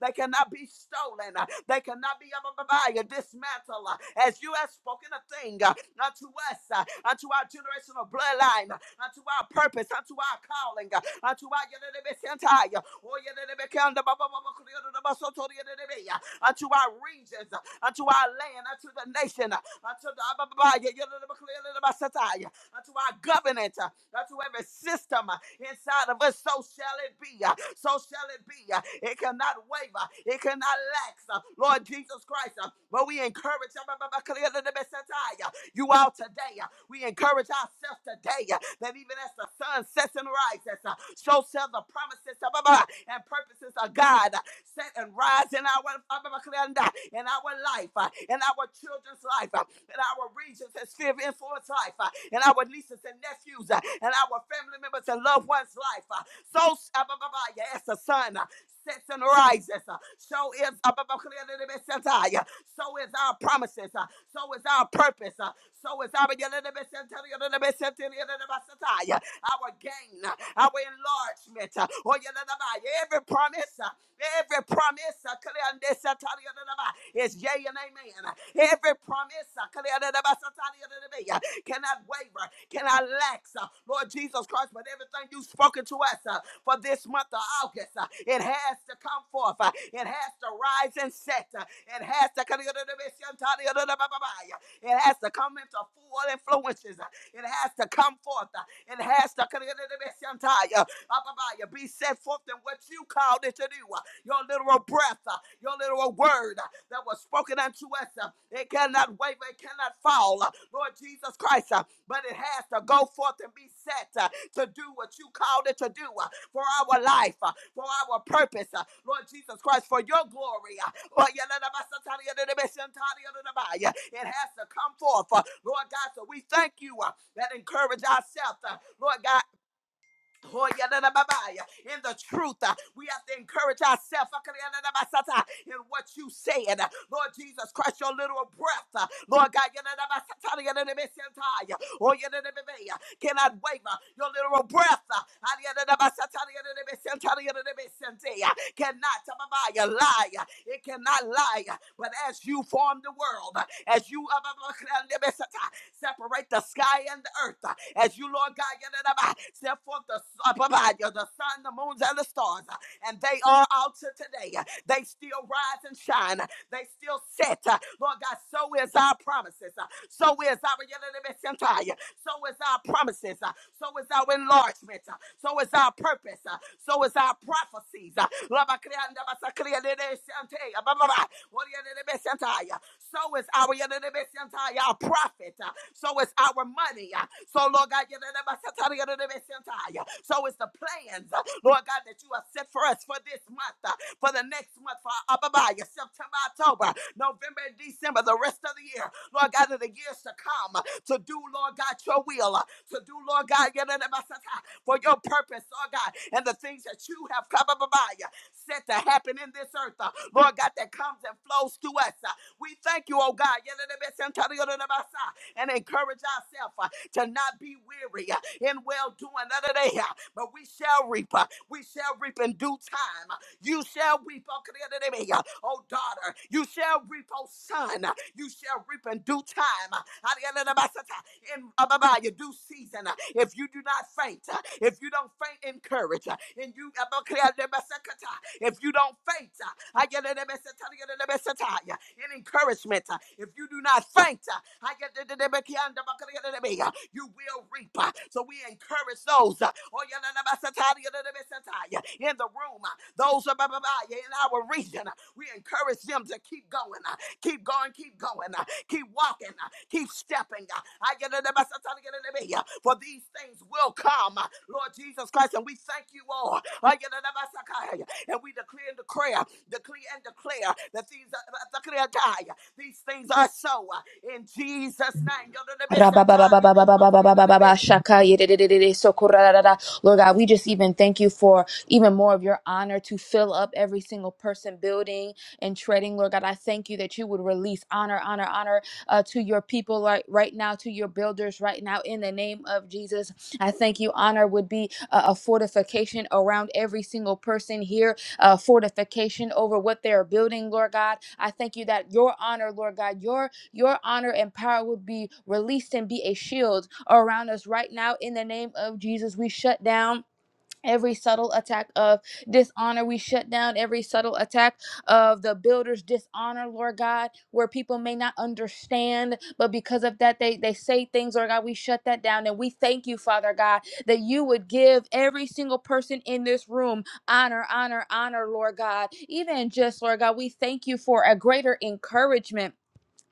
Speaker 2: They cannot be stolen. uh, They cannot be um, um, um, uh, dismantled. uh, As you have spoken a thing uh, unto us, uh, unto our generational bloodline, uh, unto our purpose, unto our calling, uh, unto our yadadabesantai, uh, oh, uh, unto our regions, uh, unto our land, unto the nation, uh, unto the ba, uh, To our government, uh, unto every system uh, inside of us. So shall it be. uh, So shall it be. uh, It cannot waver. It cannot lack. uh, Lord Jesus Christ, uh, but we encourage. uh, uh, uh, You all today. uh, We encourage ourselves today uh, that even as the sun sets and rises, uh, so shall the promises uh, uh, uh, and purposes of God. uh, set and rise in our in our life, uh, in our children's life, uh, in our regions and sphere of influence life, uh, in our nieces and nephews, uh, in our family members and loved ones' life. uh, So, uh, yeah, as the sun uh, sets and rises, uh, so is uh, yeah, so is our promises, uh, so is our purpose, uh, so is our our gain, uh, our enlargement. uh, oh, yeah, every promise. uh, Every promise uh, Kalyandesia is yea and amen. Every promise uh, uh, cannot waver, cannot lack. uh, Lord Jesus Christ, but everything you've spoken to us uh, for this month of August, uh, it has to come forth. uh, It has to rise and set. uh, It has to uh, it has to come into full influences. uh, It has to come forth. uh, It has to be set forth in what you called it to do. uh, your literal breath, uh, your literal word uh, that was spoken unto us. uh, It cannot waver, it cannot fall, uh, Lord Jesus Christ, uh, but it has to go forth and be set uh, to do what you called it to do uh, for our life, uh, for our purpose, uh, Lord Jesus Christ, for your glory. uh, uh, It has to come forth, uh, Lord God. So we thank you uh, that encourage ourselves, uh, Lord God. Oh, yeah, yeah. In the truth, uh, we have to encourage ourselves uh, in what you said. uh, Lord Jesus Christ, your little breath. uh, Lord God, yeah, yeah, yeah. oh, yeah, yeah. cannot waver. Your little breath uh, ah, yeah, yeah, yeah, yeah. cannot uh, yeah, lie. uh, It cannot lie. uh, But as you formed the world, uh, as you Separate the sky and the earth uh, as you, Lord God, set forth the, s- uh, yeah, the sun, the moons, and the stars. uh, And they are out to today. Uh, They still rise and shine. Uh, They still set. Uh, Lord God, so is our promises. Uh, So is our yadadaba, sentai. So is our promises. Uh, So is our enlargement. Uh, So is our purpose. Uh, So is our prophecies. Uh, Laba krianda uh, so is our yadadabasanta, our profit. Uh, So is our money. Uh, So, Lord God, yadadabasanta, yadadabasanta, uh, so is the plans, uh, Lord God, that you have set for us for this month, uh, for the next month, for Ababaya, September, October, November, and December, the rest of the year, Lord God, of the years to come, uh, to do, Lord God, your will, uh, to do, Lord God, yadadabasanta, for your purpose, Lord God, and the things that you have set to happen in this earth, uh, Lord God, that comes and flows to us. We thank you, oh God, and encourage ourselves uh, to not be weary uh, in well doing uh, but we shall reap. uh, We shall reap in due time. uh, You shall reap, oh uh, oh daughter. You shall reap, oh son. uh, You shall reap in due time in uh, blah, blah, your due season. uh, If you do not faint, uh, if you don't faint in courage, uh, and you uh, uh, uh, if you don't faint, uh, I get the mess, uh, you the mess, uh, tie, uh, in encouragement, uh, if you do not faint, uh, I get the the mess, uh, the mess, uh, you will reap. uh, So we encourage those uh, oh, yeah, uh, uh, uh, in the room, uh, those uh, yeah, in our region. uh, We encourage them to keep going, uh, keep going, keep going. Keep walking. uh, Keep stepping. uh, I get it, I'm sorry, get it, yeah, For these things will come. uh, Lord Jesus Christ, and we thank you all. I get it, I'm And we declare, and declare, decree and declare that these uh, declare die. These things are so uh, in Jesus' name.
Speaker 3: Rababababababababababa, shaka, yedididididi, sokorarara. Lord God, we just even thank you for even more of your honor to fill up every single person building and treading. Lord God, I thank you that you would release honor, honor, honor uh, to your people right, right now, to your builders right now, in the name of Jesus. I thank you. Honor would be a, a fortification around every single person here, a fortification over what they're building, Lord God. I thank you that your honor, Lord God, your your honor and power would be released and be a shield around us right now. In the name of Jesus, we shut down. Every subtle attack of dishonor, we shut down every subtle attack of the builder's dishonor, Lord God, where people may not understand, but because of that, they, they say things, Lord God, we shut that down. And we thank you, Father God, that you would give every single person in this room honor, honor, honor, Lord God. Even just, Lord God, we thank you for a greater encouragement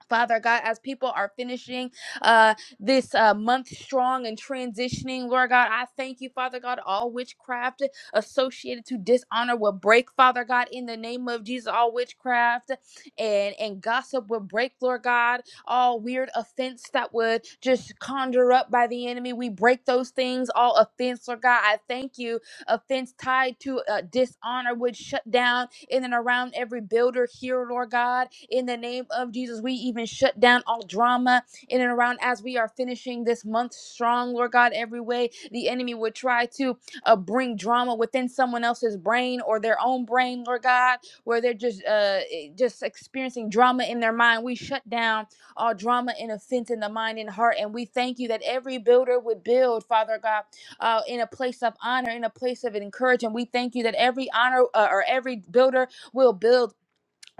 Speaker 3: Father God, as people are finishing uh, this uh, month strong and transitioning, Lord God, I thank you, Father God, all witchcraft associated to dishonor will break, Father God, in the name of Jesus, all witchcraft and, and gossip will break, Lord God, all weird offense that would just conjure up by the enemy. We break those things, all offense, Lord God. I thank you offense tied to uh, dishonor would shut down in and around every builder here, Lord God. In the name of Jesus, we even shut down all drama in and around as we are finishing this month strong, Lord God, every way the enemy would try to uh, bring drama within someone else's brain or their own brain, Lord God, where they're just uh, eh, just experiencing drama in their mind. We shut down all drama and offense in the mind and heart, and we thank you that every builder would build, Father God uh, in a place of honor, in a place of encouragement. We thank you that every honor uh, or every builder will build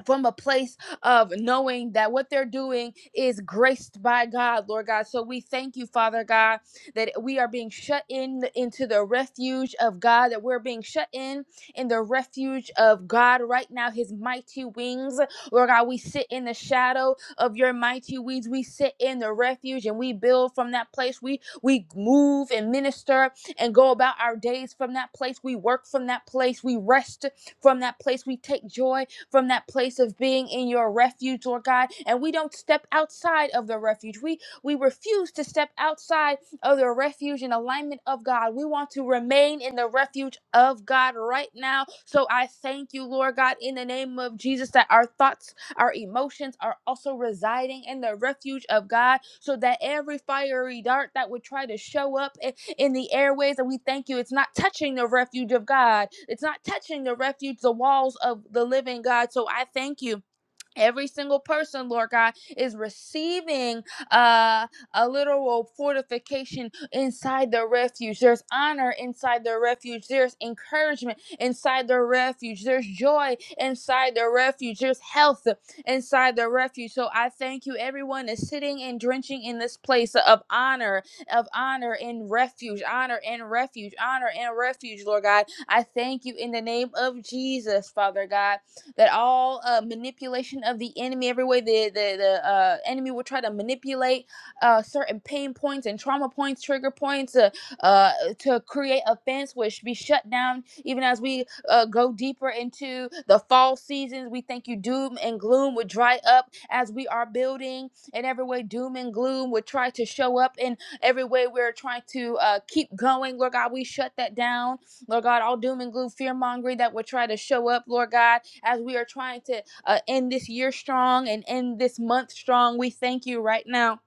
Speaker 3: from a place of knowing that what they're doing is graced by God, Lord God. So we thank you, Father God, that we are being shut in into the refuge of God, that we're being shut in in the refuge of God right now, His mighty wings. Lord God, we sit in the shadow of your mighty wings. We sit in the refuge and we build from that place. We we move and minister and go about our days from that place. We work from that place. We rest from that place. We take joy from that place of being in your refuge, Lord God. And we don't step outside of the refuge. We we refuse to step outside of the refuge and alignment of God. We want to remain in the refuge of God right now. So I thank you, Lord God, in the name of Jesus, that our thoughts, our emotions are also residing in the refuge of God, so that every fiery dart that would try to show up in the airways. And we thank you. It's not touching the refuge of God, it's not touching the refuge, the walls of the living God. So I thank you every single person lord god is receiving uh, a literal fortification inside their refuge there's honor inside their refuge there's encouragement inside their refuge there's joy inside their refuge there's health inside their refuge so i thank you everyone is sitting and drenching in this place of honor of honor and refuge honor and refuge honor and refuge lord god i thank you in the name of jesus father god that all uh, manipulation of the enemy, every way the the, the uh, enemy will try to manipulate uh, certain pain points and trauma points, trigger points uh, uh, to create offense, which be shut down. Even as we uh, go deeper into the fall seasons, we thank you. Doom and gloom would dry up as we are building, and every way doom and gloom would try to show up in every way we're trying to uh, keep going. Lord God, we shut that down Lord God, all doom and gloom, fear mongering that would try to show up, Lord God, as we are trying to uh, end this year strong and end this month strong. We thank you right now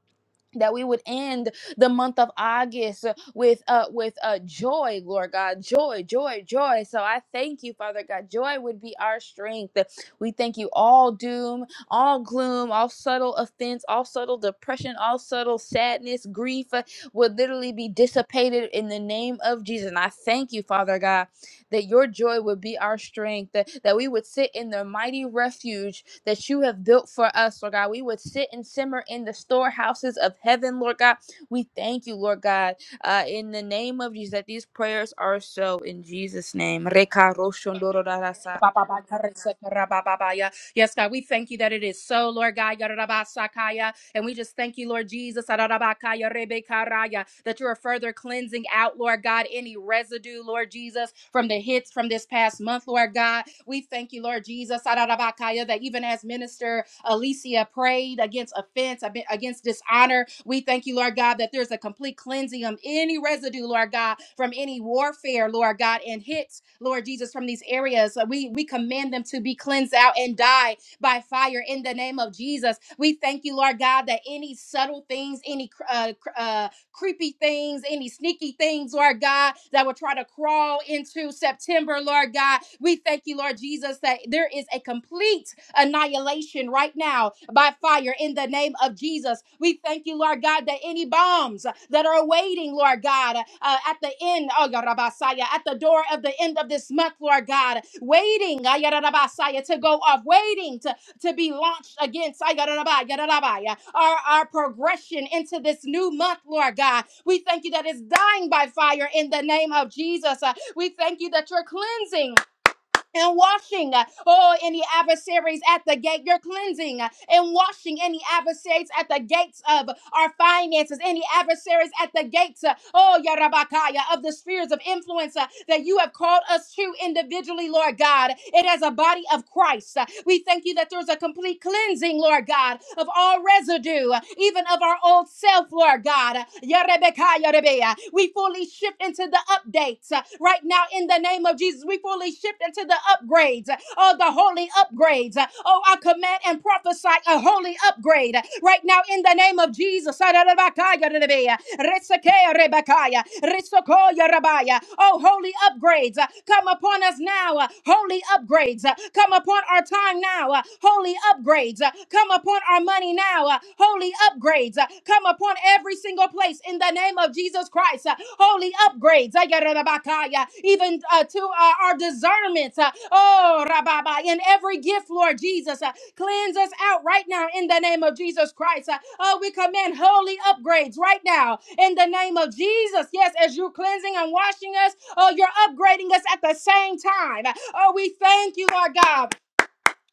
Speaker 3: that we would end the month of August with uh with uh joy Lord God joy joy joy so I thank you Father God joy would be our strength we thank you all doom all gloom all subtle offense all subtle depression all subtle sadness grief uh, would literally be dissipated in the name of Jesus and I thank you Father God that your joy would be our strength, that, that we would sit in the mighty refuge that you have built for us, Lord God. We would sit and simmer in the storehouses of heaven, Lord God. We thank you, Lord God, uh, in the name of Jesus, that these prayers are so in Jesus' name. Reka roshondororarasa.
Speaker 4: Yes, God, we thank you that it is so, Lord God. And we just thank you, Lord Jesus, that you are further cleansing out, Lord God, any residue, Lord Jesus, from the hits from this past month, Lord God. We thank you, Lord Jesus, that even as Minister Alicia prayed against offense, against dishonor, we thank you, Lord God, that there's a complete cleansing of any residue, Lord God, from any warfare, Lord God, and hits, Lord Jesus, from these areas. We, we command them to be cleansed out and die by fire in the name of Jesus. We thank you, Lord God, that any subtle things, any uh, uh, creepy things, any sneaky things, Lord God, that will try to crawl into September, Lord God. We thank you, Lord Jesus, that there is a complete annihilation right now by fire in the name of Jesus. We thank you, Lord God, that any bombs that are waiting, Lord God, uh, at the end, oh, God, Rabasaya, at the door of the end of this month, Lord God, waiting, ah, yeah, Rabasaya, to go off, waiting to to be launched against ay, yadadabai, yadadabai, our, our progression into this new month, Lord God. We thank you that it's dying by fire in the name of Jesus. Uh, We thank you that you're cleansing and washing, uh, oh, any adversaries at the gate. You're cleansing uh, and washing any adversaries at the gates of our finances, any adversaries at the gates, uh, oh, Yarabakaya, of the spheres of influence uh, that you have called us to individually, Lord God, and as a body of Christ. Uh, We thank you that there's a complete cleansing, Lord God, of all residue, uh, even of our old self, Lord God. We fully shift into the updates uh, right now in the name of Jesus. We fully shift into the upgrades, uh, oh, the holy upgrades. Uh, Oh, I command and prophesy a holy upgrade uh, right now in the name of Jesus. Oh, holy upgrades uh, come upon us now. uh, Holy upgrades uh, come upon our time now. uh, Holy holy upgrades uh, come upon our money now. uh, Holy upgrades uh, come upon every single place in the name of Jesus Christ. uh, Holy upgrades, uh, yadarabakaya, even uh, to uh, our discernment. uh, Oh, rababa, in every gift, Lord Jesus, uh, cleanse us out right now in the name of Jesus Christ. Uh, Oh, we command holy upgrades right now in the name of Jesus. Yes, as you're cleansing and washing us, oh, you're upgrading us at the same time. uh, Oh, we thank you, Lord God.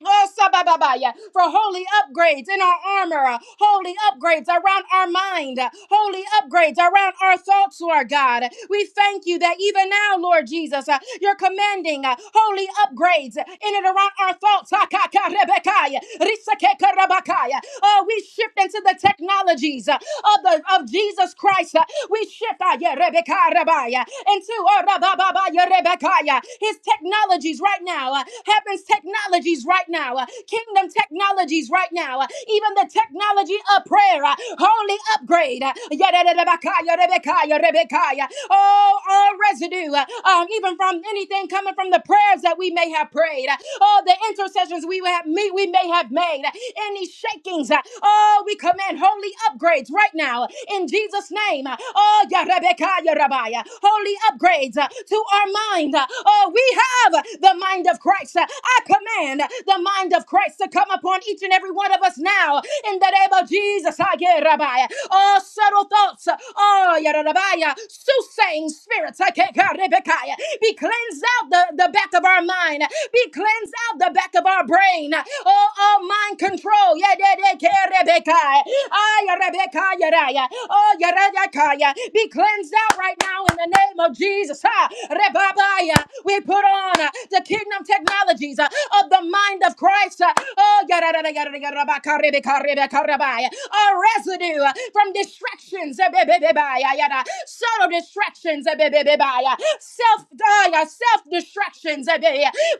Speaker 4: Oh, sabababaya, for holy upgrades in our armor, uh, holy upgrades around our mind, uh, holy upgrades around our thoughts, Lord God. We thank you that even now, Lord Jesus, uh, you're commanding uh, holy upgrades in and around our thoughts. Hakakarebekaya, risakekarabakaya. Oh, we shift into the technologies. uh, of the of Jesus Christ. Uh, We shift uh, yeah, Rebecca, Rabaya, into uh, Rabababa, yeah, Rebecca, yeah. his technologies right now, uh, heaven's technologies right now, uh, kingdom technologies right now, uh, even the technology of prayer, uh, holy upgrade. uh, yeah, yeah, yeah, Rebecca, yeah, Rebecca, yeah, Rebecca, yeah. Oh, all residue, uh, um, even from anything coming from the prayers that we may have prayed, uh, oh, the intercessions we have me we may have made, uh, any shaking things. Uh, Oh, we command holy upgrades right now in Jesus' name. Uh, Oh, Yarebeka, Yarebaya, holy upgrades uh, to our mind. Uh, Oh, we have the mind of Christ. Uh, I command the mind of Christ to come upon each and every one of us now in the name of Jesus. Ah, Yarebaya. Oh, subtle thoughts. uh, Oh, Yarebaya, soothsaying spirits. Ah, Keka, Be cleansed out the, the back of our mind. Be cleansed out the back of our brain reign. Oh, oh, mind control. Yeah, yeah, yeah, yeah, Rebecca. Ah, yeah, Rebecca, yeah, yeah, yeah. Oh, yeah, Rebecca, yeah. yeah, yeah. Be cleansed out right now in the name of Jesus. Ah, Rebaba, yeah. We put on uh, the kingdom technologies uh, of the mind of Christ. Uh, Oh, yeah, yeah, yeah, yeah, yeah, yeah, Rebecca, Rebecca, Rebecca, Rebecca. A residue uh, from distractions. eh, be- be- be- ba, yeah, yeah, yeah. Subtle distractions. eh, be- be- be- ba, yeah. Self, uh, yeah, self distractions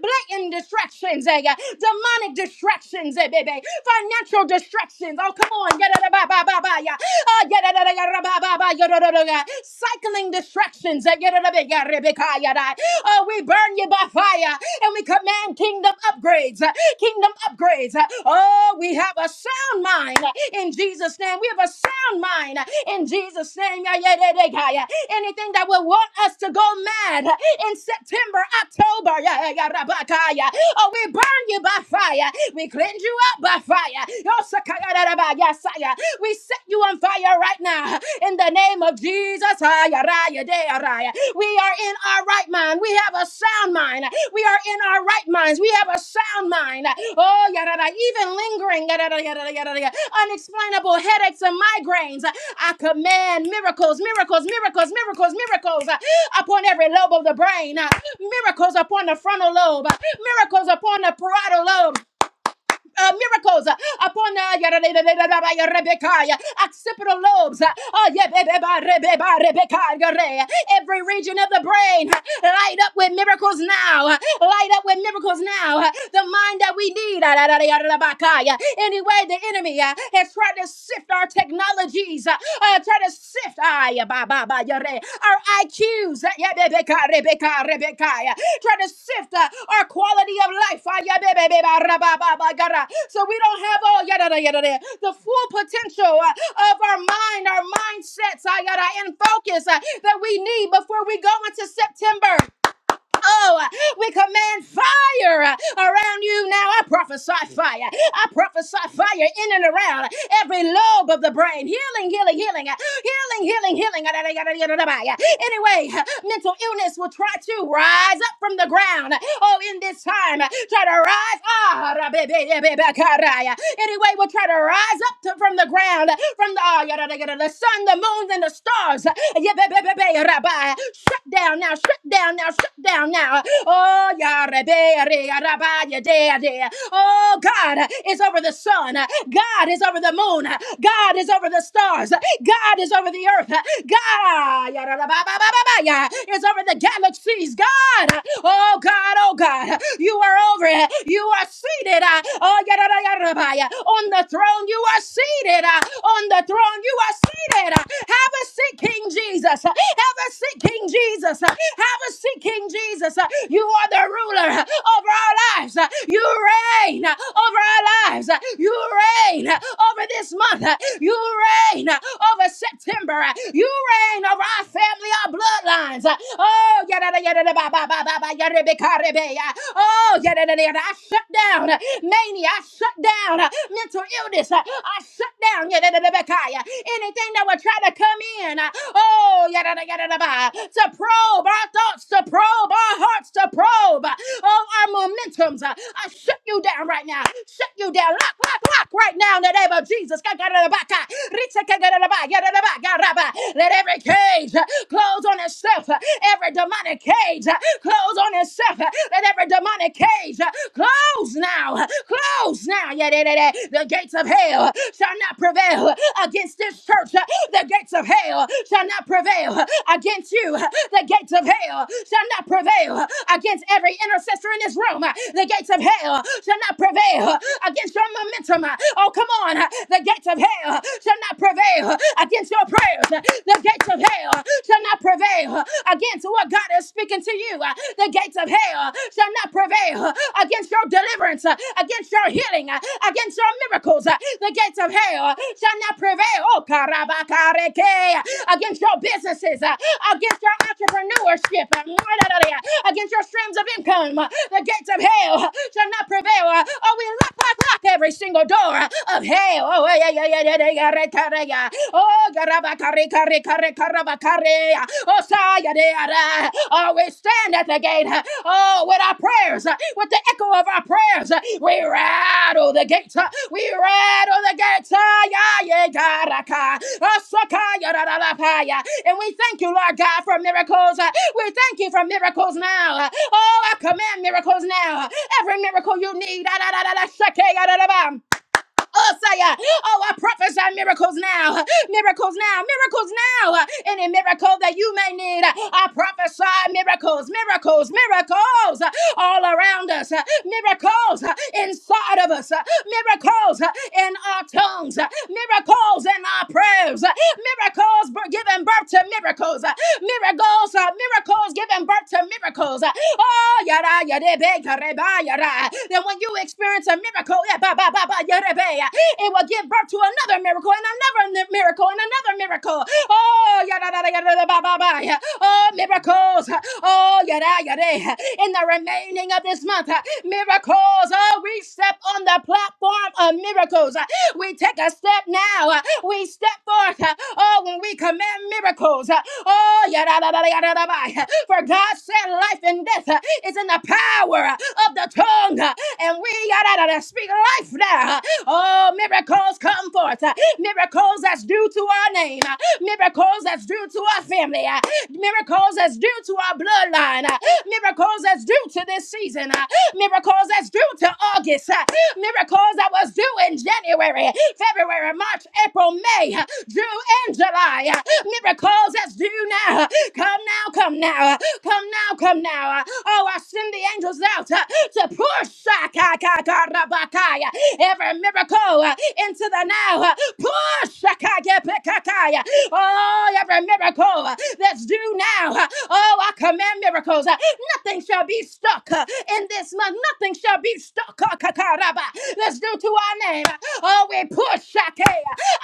Speaker 4: blatant distractions, eh, yeah. demonic distractions, eh, baby, financial distractions. Oh, come on, yeah, da, da, ba, ba, ba, ba, yeah. Ah, yeah, da, da, da, yeah, da, ba, ba, ba, yeah, da, da, da, yeah. cycling distractions. eh, yeah, da, da, ba, yeah, Rebecca, yeah, da. Oh, we burn you by fire and we command kingdom upgrades. eh. Hey, kingdom upgrades. Oh, we have a sound mind in Jesus' name. We have a sound mind in Jesus' name. Yeah, yeah, yeah, yeah, yeah. Anything that will want us to go mad in September, October, yeah, yeah, yeah, oh, we burn you by fire. We cleanse you up by fire. We set you on fire right now. In the name of Jesus, we are in our right mind. We have a sound mind. We are in our right minds. We have a sound mind. Oh, even lingering, unexplainable headaches and migraines. I command miracles, miracles, miracles, miracles, miracles uh, upon every lobe of the brain, uh, miracles upon the frontal lobe, uh, miracles upon the parietal lobe, uh, miracles uh, upon uh, Rebecca, occipital lobes, uh, oh, yeah, every region of the brain, uh, light up with miracles now, uh, light up with miracles now, uh, the mind that we need. uh, yeah. Anyway, the enemy uh, has tried to sift our technologies, uh, uh, try to sift uh, yeah, ba- ba- yeah, our IQs, uh, yeah, yeah trying to sift uh, our quality of life. Ah, yeah, ba, ba, ba, ba, ra, ba, ba, ba, ga, ra. So we don't have all yada, da, yada, da, the full potential uh, of our mind, our mindsets, ah, yada, and focus uh, that we need before we go into September. Oh, uh, we command fire uh, around you now. I prophesy fire. I prophesy fire in and around every lobe of the brain. Healing, healing, healing. Healing, healing, healing. Anyway, mental illness will try to rise up from the ground. Oh, in this time, try to rise. Ah, rabebebebekaraya. Anyway, we'll try to rise up to, from the ground, from the, ah, yadadagada, the sun, the moons, and the stars. Yebebebebe, rabai. Shut down now, shut down now, shut down now. Oh, ya yeah, Oh, God is over the sun. God is over the moon. God is over the stars. God is over the earth. God is over the galaxies. God, oh God, oh God, you are over it. You are seated uh, oh, yadadayadabaya, on the throne. You are seated uh, on the throne. You are seated. uh, Have a seat, King Jesus. Have a seat, King Jesus. Have a seat, King Jesus. You are the ruler over our lives. You reign over our lives. You reign over this month. You reign uh, over September. uh, You reign over our family, our bloodlines. uh, Oh, yada, yada, yada, ba, ba, ba, ba, ba, yada, yada, yada, yada. oh, yada, yada, yada. I shut down uh, mania. I shut down uh, mental illness. uh, I shut down yada, yada, yada, yada. anything that would try to come in. uh, Oh, yada, yada, yada, yada, ba, to probe our thoughts, to probe our hearts, to probe uh, all our momentums. uh, I shut you down right now. Shut you down. Lock, lock, lock right now in the name of Jesus. Let every cage uh, close on itself. uh, Every demonic cage uh, close on itself. uh, Let every demonic cage uh, close now. uh, Close now. Yeah, yeah, yeah, yeah. The gates of hell uh, shall not prevail uh, against this church. uh, The gates of hell shall not prevail uh, against you. uh, The gates of hell shall not prevail uh, against every intercessor in this room. uh, The gates of hell shall not prevail uh, against your momentum. uh, Oh, come on. uh, the gates of hell shall not prevail against your prayers. The gates of hell shall not prevail against what God is speaking to you. The gates of hell shall not prevail against your deliverance, against your healing, against your miracles. The gates of hell shall not prevail. Oh, karabakareke. against your businesses, against your entrepreneurship, against your streams of income. The gates of hell shall not prevail. Oh, we lock, lock, lock every single door of hell. Oh, yeah, yeah, yeah, yeah, yeah, yeah, yeah, yeah, yeah. Oh, garabakare, kare, kare, karabakare. Oh, saya de ara. Oh, we stand at the gate. Oh, with our prayers, with the echo of our prayers, we rattle the gates. We rattle the gates. Ah, Yeah, yeah, garaka. Oh, sakaya da da da pa, yeah. And we thank you, Lord God, for miracles. We thank you for miracles now. Oh, I command miracles now. Every miracle you need. Ah, da, da, da, da, shake, ah, da, da, ba us. I, uh, Oh, I prophesy miracles now, miracles now, miracles now. Any miracle that you may need, I prophesy miracles, miracles, miracles all around us, miracles inside of us, miracles in our tongues, miracles in our prayers, miracles b- giving birth to miracles, miracles, uh, miracles, giving birth to miracles. Uh, oh, yada, yada, be, yada, ba, yada. Then when you experience a miracle, yeah, ba, ba, ba, ba, yada, be, uh, it will give birth to another miracle and another ni- miracle and another miracle. Oh, yada, yada, yada, ba, ba, ba. yeah. Oh, miracles. uh, Oh, yada, yada. In the remaining of this month, uh, miracles. Oh, we step on the platform of miracles. We take a step now. Uh, We step forth. Uh, Oh, when we command miracles. Uh, Oh, yada, da, da, da, da da, da. For God said life and death uh, is in the power uh, of the tongue. Uh, And we yada, da, da, speak life now. Uh, Oh, miracles come forth. Uh, Miracles that's due to our name. Uh, Miracles that's due to our family. Uh, Miracles that's due to our bloodline. Uh, Miracles that's due to this season. Uh, Miracles that's due to August. Uh, Miracles I was due in January, February, March, April, May, June, and July. Miracles that's due now. Come now, come now, uh, come now, come now. uh. Oh, I send the angels out uh, to push uh, ka- ka- ka- ra- every miracle uh, into the now. uh, Push. uh, ka- ya- Oh, every miracle uh, that's due now. uh, Oh, I command miracles. uh, Nothing shall be stuck uh, in this month. Nothing shall be stuck. uh, ka- ka- ra- That's due to our name. uh. Oh, we push. uh,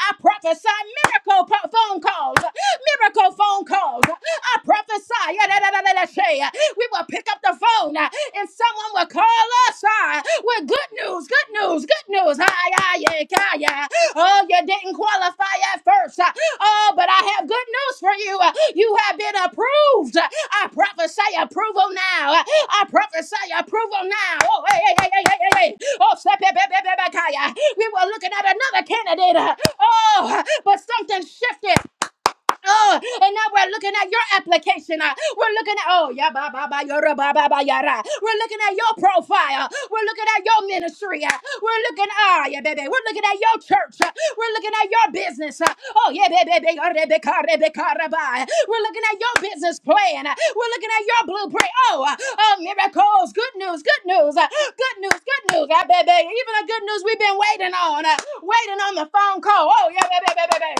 Speaker 4: I prophesy miracle po- phone calls. uh, Miracle phone calls. uh. I prophesy. yeah, uh, We will pick up the phone uh, and someone will call us uh, with good news, good news, good news. yeah, yeah, yeah. Oh, you didn't qualify at first. uh, Oh, but I have good news for you. Uh, You have been approved. Uh, I prophesy approval now. Uh, I prophesy approval now. Oh, hey, hey, hey, hey, hey, hey. hey. Oh, step, step, step, step, step, step, step. we were looking at another candidate. Uh, Oh, but something shifted. Uh, and now we're looking at your application. uh, we're looking at oh yeah, ba ba ba yara ba ba ba yara. We're looking at your profile. We're looking at your ministry. uh, we're looking ah yeah baby. We're looking at your church. uh, we're looking at your business. uh, oh yeah baby. baby, uh, Rebecca, Rebecca, Rabbi. We're looking at your business plan. uh, we're looking at your blueprint. Oh, uh, oh miracles. Good news. Good news. uh, good news. Good news. uh, baby. Even the good news we've been waiting on. uh, waiting on the phone call. Oh yeah baby, baby, baby.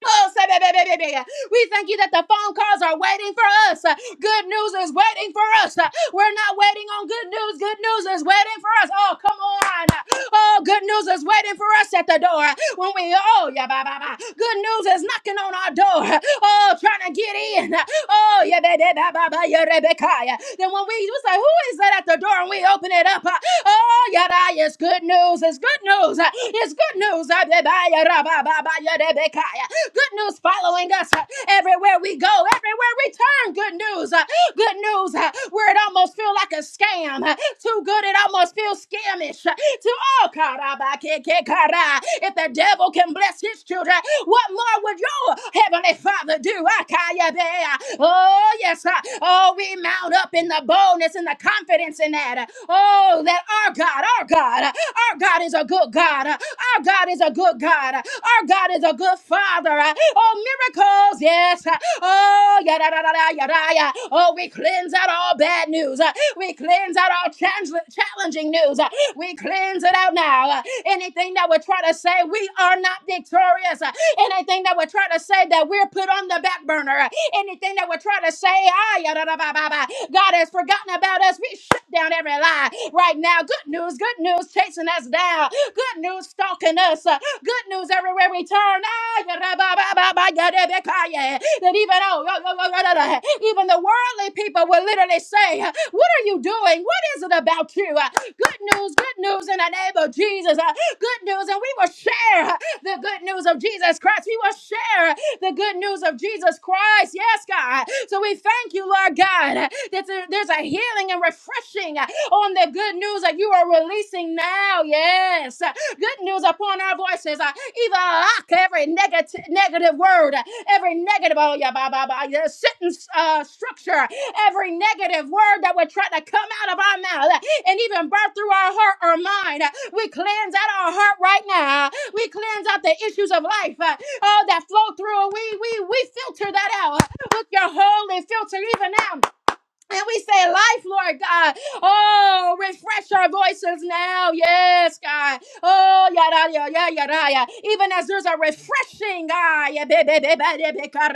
Speaker 4: Oh, sa da da da We thank you that the phone calls are waiting for us. Uh, Good news is waiting for us. Uh, We're not waiting on good news. Good news is waiting for us. Oh, come on. Oh, good news is waiting for us at the door. When we, oh, yeah, ba ba ba. Good news is knocking on our door. Oh, trying to get in. Oh, yeah, ba da ba ba ba, yeah, Rebecca. yeah. Then when we, we say, who is that at the door? And we open it up. Uh, Oh, yeah, that is good news. It's good news. Uh, It's good news. Uh, ba ba, yeah, ra, ba ba ba, yeah, Rebecca. yeah. Good news following us uh, everywhere we go, everywhere we turn. Good news. uh, Good news uh, where it almost feels like a scam. uh, Too good it almost feels scamish. uh, To all karabakekekara. If the devil can bless his children, what more would your heavenly father do? Akayabea. Oh, yes. uh, Oh, we mount up in the boldness and the confidence in that. uh, Oh, that our God, our our God, our God is a good God. Our God is a good God. Our God is a good Father. Oh, miracles, yes. Oh, yada, da da, da, yada, yada. Oh, we cleanse out all bad news. We cleanse out all challenge- challenging news. We cleanse it out now. Anything that would try to say we are not victorious, Anything that would try to say that we're put on the back burner, anything that would try to say, ah, yada, da, ba, ba, ba, God has forgotten about us, we shut down every lie right now. Good news, good news chasing us down, good news stalking us, Uh, good news everywhere we turn. Ah, yada, ba, ba, ba, ba, yada, ba, ka, yeah. That even oh, yo, yo, yo, yo, yo, yo, even the worldly people will literally say, uh, What are you doing? What is it about you? Uh, Good news, good news in the name of Jesus. Uh, Good news, and we will share the good news of Jesus Christ. We will share the good news of Jesus Christ. Yes, God. So we thank you, Lord God, that there- there's a healing and refreshing on the good news that you are releasing now. Yes. Good news upon our voices. Uh, Even lock every negative negative word, uh, every negative oh yeah, bah, bah, bah, yeah, sentence uh, structure, every negative word that would try to come out of our mouth uh, and even burn through our heart or mind. Uh, We cleanse out our heart right now we cleanse out the issues of life, uh, all that flow through. We we we filter that out uh, with your holy filter even now. And we say, Life, Lord God. Oh, refresh our voices now. Yes, God. Oh, yada, yada, yada, yada. Even as there's a refreshing, ah, yeah, be- be- be- be- be- be- kare.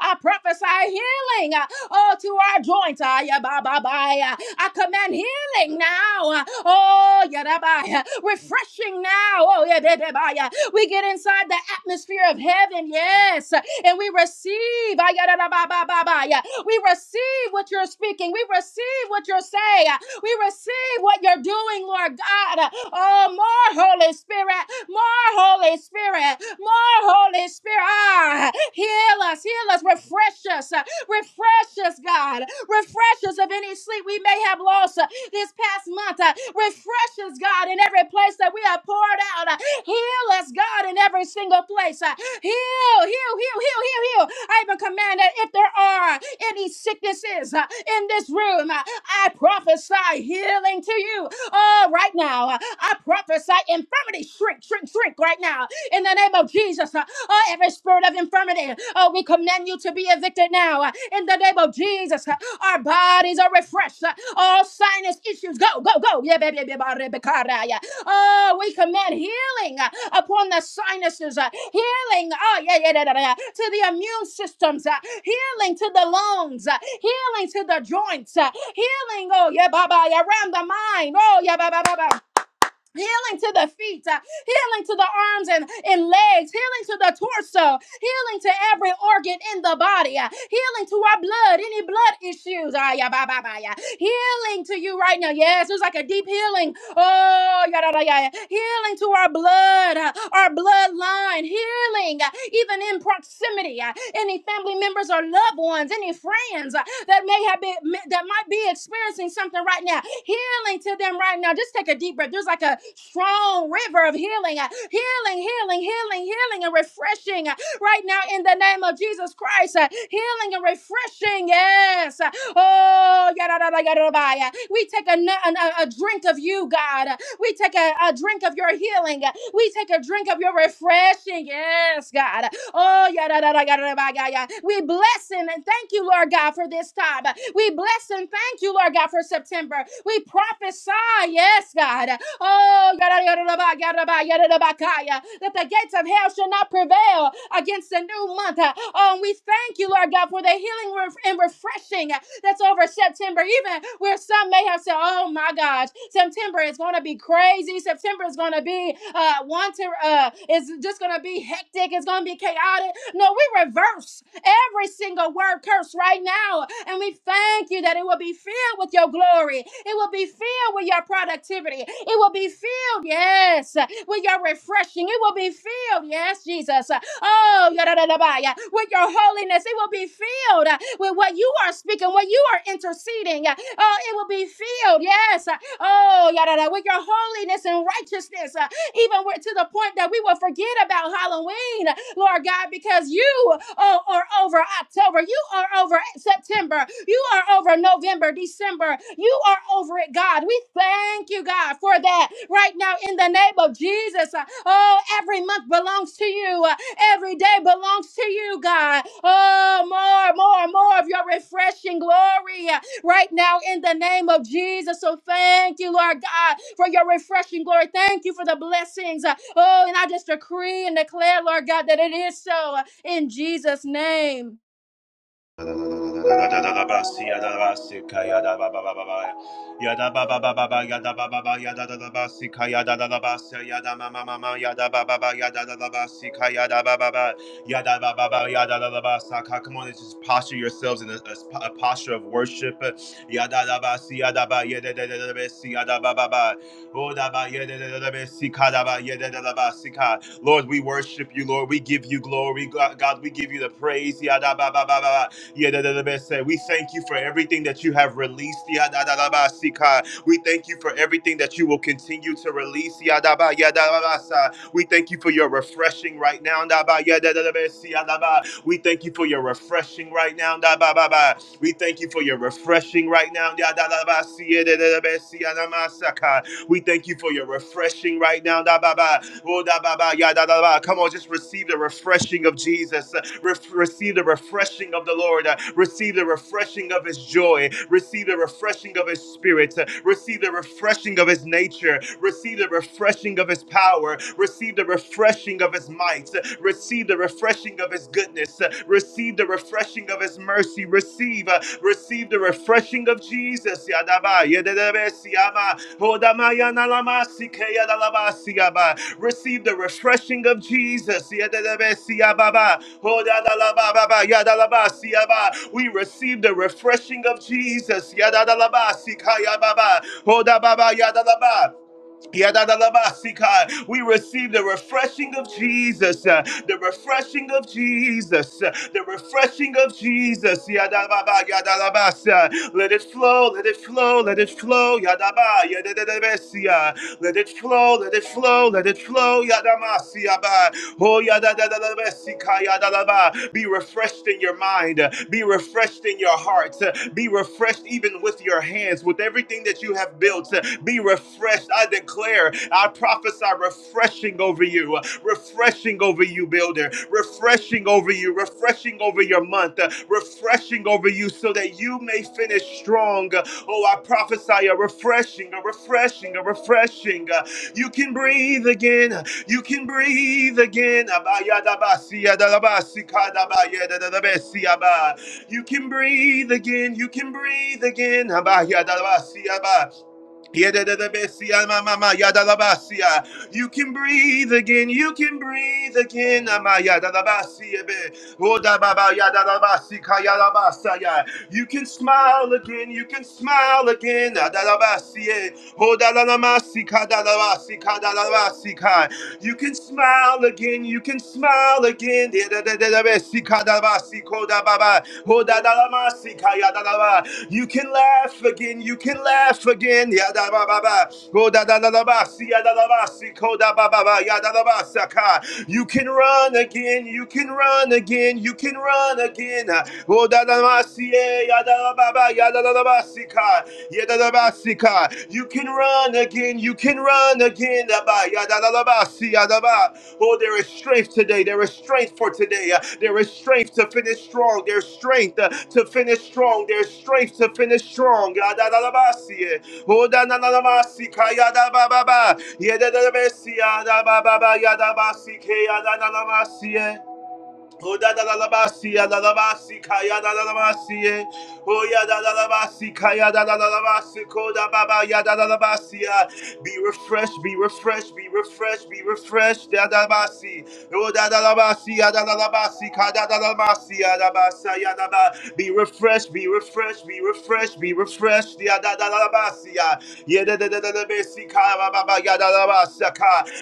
Speaker 4: I prophesy healing, ah, oh, to our joints. ah, yeah, ba- ba- ba, yeah. I command healing now. ah, Oh, yada, ba, yeah. refreshing now. Oh, yeah, be- be- ba, yeah. we get inside the atmosphere of heaven. Yes. And we receive. ah, yada, da, ba- ba- ba- ba, yeah. We receive what you're speaking. We receive what you're saying. We receive what you're doing, Lord God. Oh, more Holy Spirit, more Holy Spirit, more Holy Spirit. Ah, heal us, heal us, refresh us, uh, refresh us, God. Refresh us of any sleep we may have lost uh, this past month. uh, Refresh us, God, in every place that we have poured out. uh, Heal us, God, in every single place. Uh, heal, heal, heal, heal, heal, heal. I even command that if there are any sicknesses uh, in this room, uh, I prophesy healing to you. Oh, right now, uh, I prophesy infirmity shrink, shrink, shrink right now in the name of Jesus. uh, Oh, every spirit of infirmity, oh, we command you to be evicted now uh, in the name of Jesus. uh, Our bodies are refreshed. uh, All sinus issues go, go, go. Yeah, baby, Oh, we command healing uh, upon the sinuses, uh, healing oh, yeah, yeah, yeah, yeah. da, to the immune systems, uh, healing to the lungs, uh, healing to the joints, uh, healing, oh, yeah, baba, yeah, around the mind. Oh, yeah, baba, baba, healing to the feet, uh, healing to the arms and, and legs, healing to the torso, healing to every organ in the body, uh, healing to our blood, any blood issues, ah, yeah, bye, bye, bye, yeah. healing to you right now. Yes, it's like a deep healing. Oh, yeah, yeah, yeah, yeah. healing to our blood, uh, our bloodline, healing uh, even in proximity, uh, any family members or loved ones, any friends uh, that may have been that might be experiencing something right now healing to them right now. Just take a deep breath. There's like a strong river of healing, uh, healing, healing, healing, healing, and refreshing uh, right now in the name of Jesus Christ. uh, Healing and refreshing. Yes. Uh, Oh, yada, yada, yada, yada, yada. we take a, n- an- a, a drink of you, God. Uh, We take a, a drink of your healing. Uh, We take a drink of your refreshing. Yes, God. Oh, yada, yada, yada, yada, yada. We bless and thank you, Lord God, for this time. We bless and thank you, Lord God, for September. We prophesy, yes, God. Oh, yada, yada, yada, yada, yada, yada, yada, yada, that the gates of hell shall not prevail against the new month. Oh, and we thank you, Lord God, for the healing ref- and refreshing that's over September, even where some may have said, oh my gosh, September is going to be crazy. September is going to be uh, one to, uh, it's just going to be hectic. It's going to be chaotic. No, we reverse every single word curse right now. And we thank you that it will be filled with your glory. It will be filled with your productivity. It will be filled filled, yes, with your refreshing. It will be filled, yes, Jesus. Oh, yadadadabaya. with your holiness, it will be filled uh, with what you are speaking, what you are interceding. Uh, Oh, it will be filled, yes. Oh, yada, with your holiness and righteousness. uh, even where, to the point that we will forget about Halloween, Lord God, because you are, are over October, you are over September, you are over November, December, you are over it, God. We thank you, God, for that right now in the name of Jesus. Uh, Oh, every month belongs to you, Uh, every day belongs to you, God. Oh, more, more, more of your refreshing glory right now in the name of Jesus. So thank you, Lord God, for your refreshing glory. Thank you for the blessings. Uh, Oh, and I just decree and declare, Lord God, that it is so uh, in Jesus' name.
Speaker 5: Come on, and just posture yourselves in a, a, a posture of worship. Lord, we worship you, Lord. We give you glory, God. we give you the praise. Yedadadabese. We thank you for everything that you have released. Yadadadabasika. We thank you for everything that you will continue to release. Yadaba, yadadabasa. We thank you for your refreshing right now. Daba, yadadadabesi, yadaba. We thank you for your refreshing right now. Daba, baba. We thank you for your refreshing right now. Yadadadabasi, yadadadabesi, yadamasaka. We thank you for your refreshing right now. Da ba ba. Oh, da ba ba. Ya da da ba. Come on, just receive the refreshing of Jesus. Uh, Ref receive the refreshing of the Lord. Uh, receive the refreshing of his joy. Receive the refreshing of his spirit. Uh, receive the refreshing of his nature. Receive the refreshing of his power. Receive the refreshing of his might. Uh, receive the refreshing of his goodness. Uh, receive the refreshing of his mercy. Receive, uh, receive the refreshing of Jesus. Yadaba, yededebe, siyama, hodama, yanalama, sikeya, dalaba, siyaba. Receive the refreshing of Jesus. Yededebe, siyababa, hodadalaba, baba, yadalaba, siyaba. We receive the refreshing of Jesus. Yadadalaba, sikaya, baba, hodababa, yadalaba. Yadadalabasika. We receive the refreshing of Jesus, uh, the refreshing of Jesus, uh, the refreshing of Jesus. Yadababa, yadalabasa. Let it flow, let it flow, let it flow. Yadaba, yadadadabesia. Let it flow, let it flow, let it flow. Yadamasiaba. Oh, yadadadadabesika, yadalaba. Be refreshed in your mind mind, uh, be refreshed in your hearts, uh, be refreshed even with your hands, with everything that you have built. uh, Be refreshed. I declare, I prophesy refreshing over you, uh, refreshing over you, builder, refreshing over you, refreshing over your month, uh, refreshing over you so that you may finish strong. Uh, Oh, I prophesy a refreshing, a refreshing, a refreshing. Uh, You can breathe again. You can breathe again. You can breathe again. You can breathe again. You can breathe again. You can breathe again. You can smile again. You can smile again. You can smile again. You can smile again. You can laugh again. You can laugh again. You can run again. You can run again. You can run again. Siena, O Dadamasie, Yadababa, Yadabasika, Yadabasika. You can run again. You can run again. Abba, Yadabasi, Yadaba. Oh, there is strength today. There is strength for today. Uh, There is strength to finish strong. There's strength uh, to finish strong. There's strength to finish strong. Oh, da na na na ma si ka si si si Oh da da da da ba si ya da da ba si ka ya da da yadadabasi, kayadadadabasi, eh. Oh, ya ya da da da ba si ka ya da da da da ba si ko da ba ba yadadadabasi, da kodababa, yadadadabasi, ah. Be refreshed, be refreshed, be refreshed, be refreshed. da da yadadabasi. Be refreshed, be refreshed, be refreshed, be refreshed.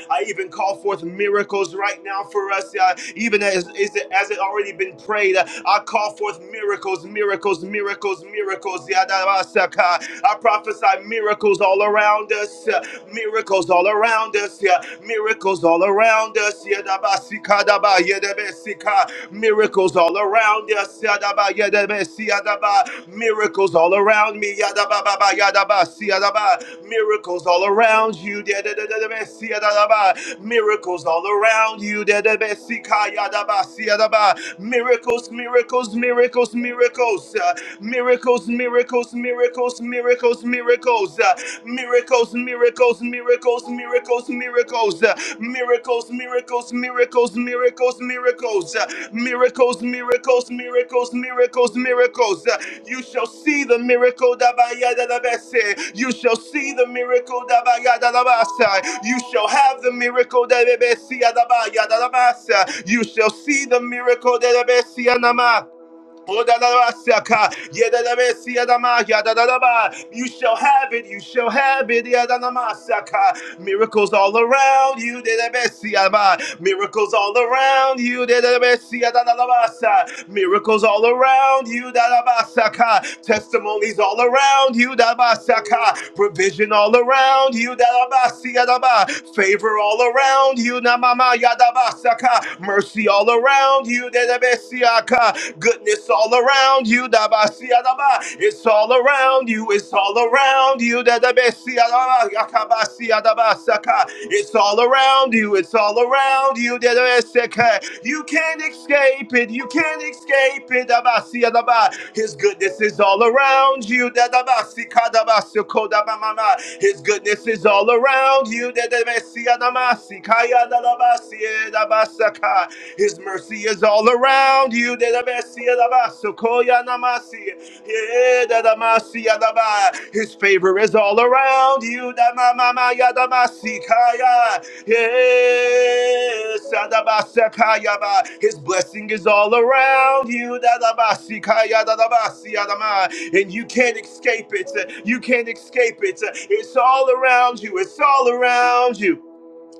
Speaker 5: I even call forth miracles right now for us, uh, even as, as, it, as it already been prayed. I call forth miracles, miracles, miracles, miracles. I prophesy miracles all around us, uh, miracles miracles all around us, yeah. Miracles all around us, yeah. Daba sika daba yedebe sika. Miracles all around us, yeah. Daba yedebe siya daba. Miracles all around me, yeah. Daba baba yadaba siya daba. Miracles all around you, yeah. Dedebe siya daba. Miracles all around you, dedebe sika yadaba siya daba. Miracles, miracles, miracles, miracles, uh, miracles, miracles, miracles miracles, miracles, miracles, uh, miracles, miracles, miracles, miracles, miracles, uh, miracles, miracles, miracles, miracles, miracles, uh, miracles, miracles, miracles, miracles, miracles. uh, You shall see the miracle that by yada da bese. You shall see the miracle that by yada da basa. You shall have the miracle that bebesi yada ba yada da basa. You shall see the miracle that bebesi anama. You shall have it, you shall have it. Miracles all around you. Miracles all around you. Miracles all around you. Testimonies all around you. Provision all around you. Favor all around you. Mercy all around you. Goodness all around you. Dabasiadaba. It's all around you. It's all around you. Dadabesiadaba. Yakabasiadaba. It's all around you. It's all around you. Dadabeseka. You can't escape it. You can't escape it. Dabasiadaba. His goodness is all around you. Dadabasikatabasukodabamama. His goodness is all around you. Dadabesiadama. Sikayadalabasiedabasaka. His mercy is all around you. His favor is all around you. Yes. His blessing is all around you. And you can't escape it. You can't escape it. It's all around you. It's all around you.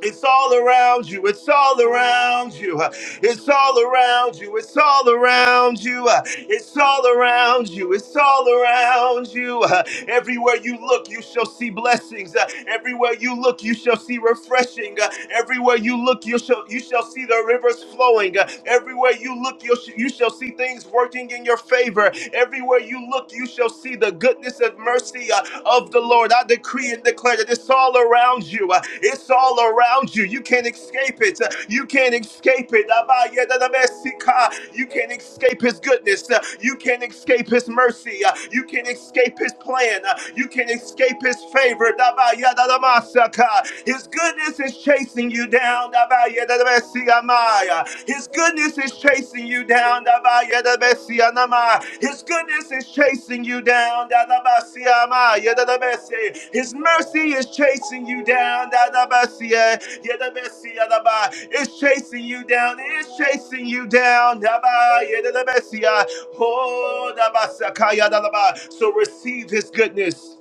Speaker 5: It's all around you. It's all around you. It's all around you. It's all around you. It's all around you. It's all around you. Everywhere you look, you shall see blessings. Everywhere you look, you shall see refreshing. Everywhere you look, you shall you shall see the rivers flowing. Everywhere you look, you sh- you shall see things working in your favor. Everywhere you look, you shall see the goodness and mercy of the Lord. I decree and declare that it's all around you. Uh, It's all around you. You can't escape it. Uh, You can't escape it. Abayedadabesika. You can't escape His goodness. Uh, You can't escape His mercy. Uh, You can't escape His plan. Uh, You can't escape His favor. Dabayedadamasaka. His goodness is chasing you down. Dabayedadabesiamaya. His goodness is chasing you down. Dabayadabesianama. His goodness is chasing you down. Dadabasiama. Yadadabesi. His mercy is chasing you down. Dadabasia. Yadabesiadaba. It's chasing you down. It's chasing you down. Dabayadadabesia. Oh, Dabasakayadadaba. So receive his goodness.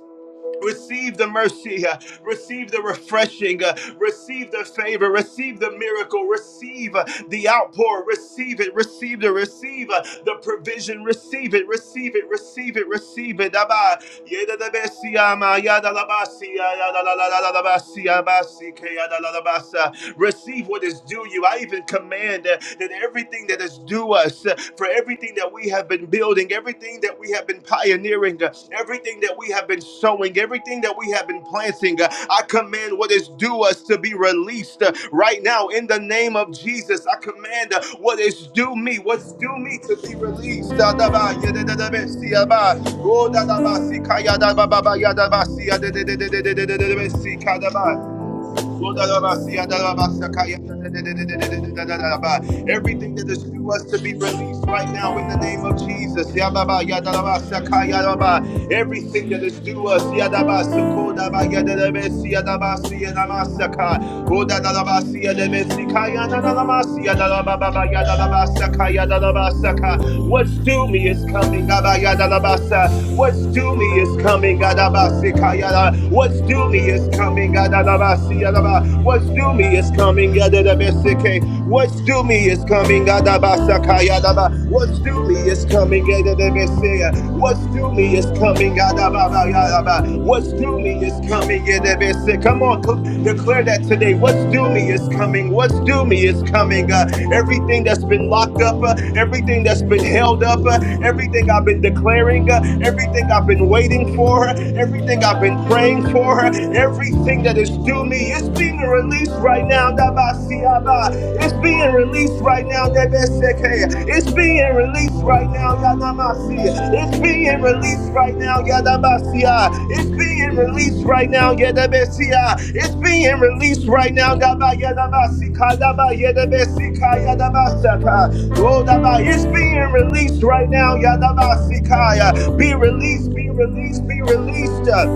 Speaker 5: Receive the mercy, uh, receive the refreshing, uh, receive the favor, receive the miracle, receive uh, the outpour, receive it, receive the receive uh, the provision, receive it, receive it, receive it, receive it. Abba, yeda da besi ama, yada la basi, yada la la la la la basi, abasi, ke yada la la basa. Receive what is due you. I even command uh, that everything that is due us us uh, for everything that we have been building, everything that we have been pioneering, uh, everything that we have been sowing, everything that we have been planting. Uh, I command what is due us to be released uh, right now in the name of Jesus. I command uh, what is due me, what's due me to be released. Da da ba, ya da da da ba, si ya ba. Oh, da da ba, si ka ya da ba ba ba, ya da ba, si ya de de de de de de de de de de, si ka da ba. Everything that is due us to be released right now in the name of Jesus. Everything that is due us. What's due me is coming. What's due me is coming. What's due me is coming. What's due me is coming. What's due me is coming. What's due me is coming. What's due me is coming. What's due me is coming. Come on, cl- declare that today. What's due me is coming. What's due me is coming. Uh, everything that's been locked up, uh, everything that's been held up, uh, everything I've been declaring, uh, everything I've been waiting for, uh, everything I've been praying for restore everything that is due me. It's being released right now. Dabasiaba. It's being released right now. Debeseke. It's being released right now. Yadamasi. It's being released right now. Yadabasia. It's being released right now. Yadabasia. It's being released right now. Daba Yadabasika. Daba Yadabasika. Yadabasaka. Oh, Daba. It's being released right now. Yadabasikaya. Be released. Be released. Be released.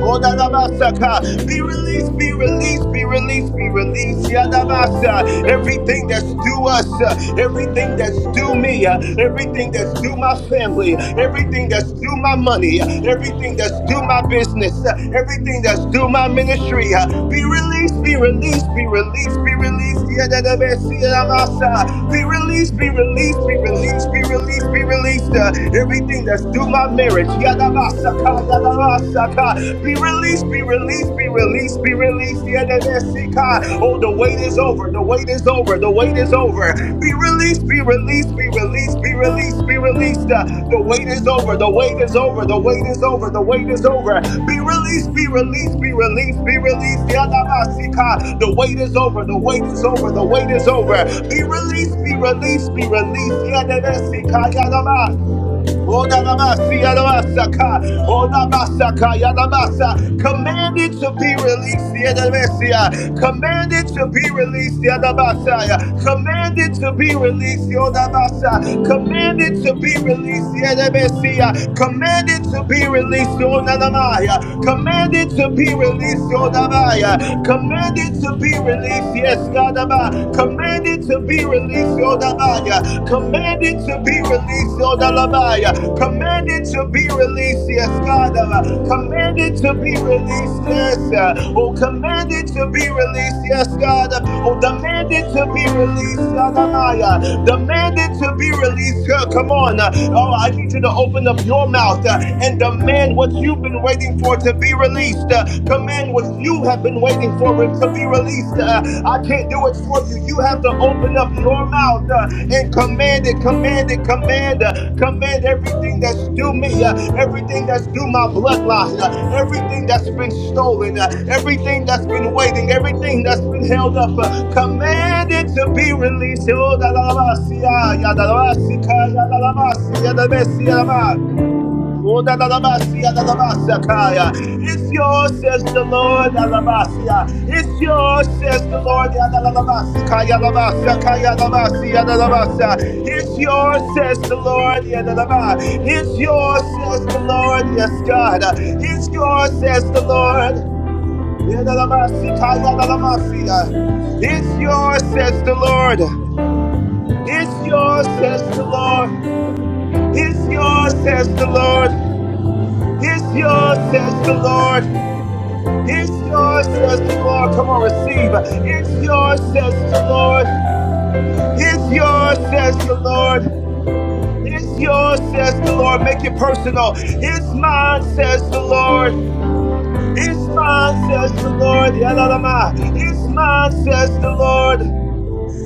Speaker 5: Oh, Odalabasaka. Be released, be released, be released, be released. Yadabasa. Everything that's due us, uh, everything that's due me, uh, everything that's due my family, everything that's due my money, uh, everything that's due my business, uh, everything that's due my ministry. uh, Be released, be released, be released, be released. Yadadabasi, Yadamasa. Be released, be released, be released, be released, be released. uh, Everything that's due my marriage. Be released, be released, be released, be released. Yadabasika. Oh, the wait is over. The wait is over. The wait is over. Be released, be released, be released, be released, be released. Uh, The wait is over. The wait is over. The wait is over. The wait is over. Be released, be released, be released, be released. Yadabasika. The wait is over. The wait is over. The wait is over. Be released, be released, be released. Yadabasika. Yadaba. Oda Odalabasi, yadabasaka, odabasaka, yadabasa. Commanded to be released, yadabasia. commanded to be released, yadabasaya. commanded to be released, yodabasa. commanded to be released, yadabasia. commanded to be released, yodamaya. commanded to be released, yodabaya. commanded to be released, yes, God, Abba. Commanded it to be released, Yodabaya. Command it to be released, Yodalabaya. Command it to be released, yes, God. uh, Command it to be released, yes. uh, Oh, command it to be released, yes, God. uh, Oh, demand it to be released, Yodamaya. Demand it to be released. uh, Come on. uh, Oh, I need you to open up your mouth uh, and demand what you've been waiting for to be released. Uh, Command thing which you have been waiting for it to be released. Uh, I can't do it for you. You have to open up your mouth uh, and command it, command it, command, uh, command everything that's due me, uh, everything that's due my bloodline, uh, everything that's been stolen, uh, everything that's been waiting, everything that's been held up. Uh, command it to be released. Oh, da da da ba, si, ah, ya, da da ba, si, ka, ya, da da ba, si, ya, da da si, ya, da ba. Odalalabasia, dalalabasakaya. It's yours, says the Lord. alabasia. It's yours, says the Lord. yadalalabasikaya, labasakaya, labasia, dalalabasa. It's yours, says the Lord. yadalaba. It's yours, says the Lord. Yes, God. It's yours, says the Lord. Yadalabasikaya, lalamasia. It's yours, says the Lord. It's yours, says the Lord. It's yours, says the Lord. It's yours, says the Lord. It's yours, says the Lord. Come on, receive. It's yours, says the Lord. It's yours, says the Lord. It's yours, says the Lord. Make it personal. It's mine, says the Lord. It's mine, says the Lord. Yadadama. It's mine, says the Lord.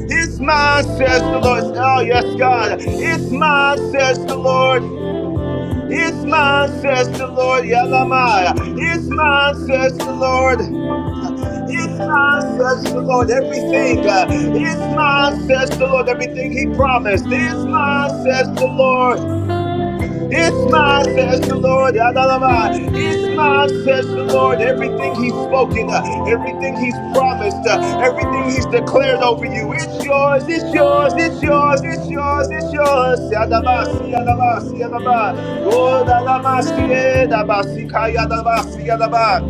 Speaker 5: It's mine, says the Lord. Oh, yes, God. It's mine, says the Lord. It's mine, says the Lord. Yalamaya. It's mine, says the Lord. It's mine, says the Lord. Everything. Uh, it's mine, says the Lord. Everything He promised. It's mine, says the Lord. It's mine, says the Lord. Adalabai. It's mine, says the Lord. Everything He's spoken, uh, everything He's promised, uh, everything He's declared over you. It's yours, it's yours, it's yours, it's yours, it's yours. Adaba, see adaba, see adaba. Oh, adaba, see adaba, see kaya adaba, see adaba.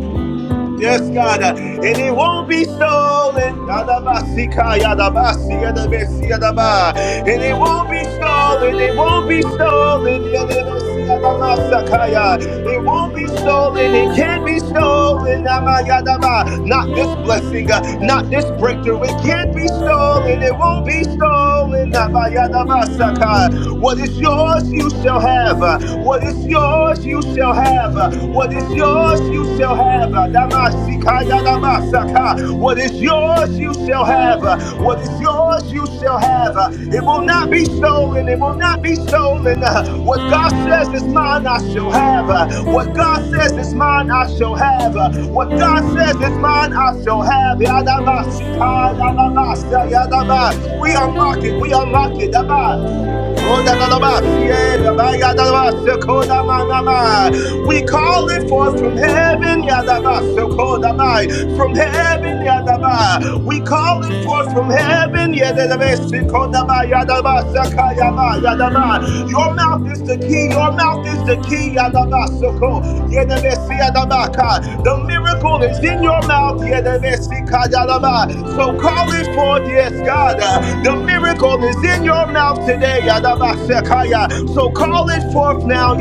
Speaker 5: Yes, God. uh, And it won't be stolen. Yadabasika, yadabasi, yadabesi, yadaba. And it won't be stolen. It won't be stolen. Yadabesi, yadamasakaya. It won't be stolen. It can't be stolen. Ama, yadaba. Not this blessing. uh, Not this breakthrough. It can't be stolen. It won't be stolen. Ama, yadabasaka. What is yours, you shall have. Uh, What is yours? yours, you shall have. Uh, What is yours, you shall have. Uh, Damasikaya damasaka. What is yours, you shall have. Uh, What is yours, you shall have. Uh, It will not be stolen. It will not be stolen. Uh, What God says is mine, I shall have. Uh, What God says is mine, I shall have. Uh, What God says is mine, I shall have. Yadabasikaya damasa yadaba. We unlock it. We unlock it. Daba. Oh, da, da, da, ba, si, eh, ya, ba, ya, da, da, ba, se, ko, da, ma, ma, ma. We call it forth from heaven, Yadaba, Sokodaba, from heaven, Yadaba. We call it forth from heaven, Yadaba, Sokodaba, Yadaba, Sakayaba, Yadaba. Your mouth is the key, your mouth is the key, Yadaba, Soko, Yadaba, the miracle is in your mouth. Yadabesikadalaba. So call it forth, yes, God. Uh, The miracle is in your mouth today. So call it forth now.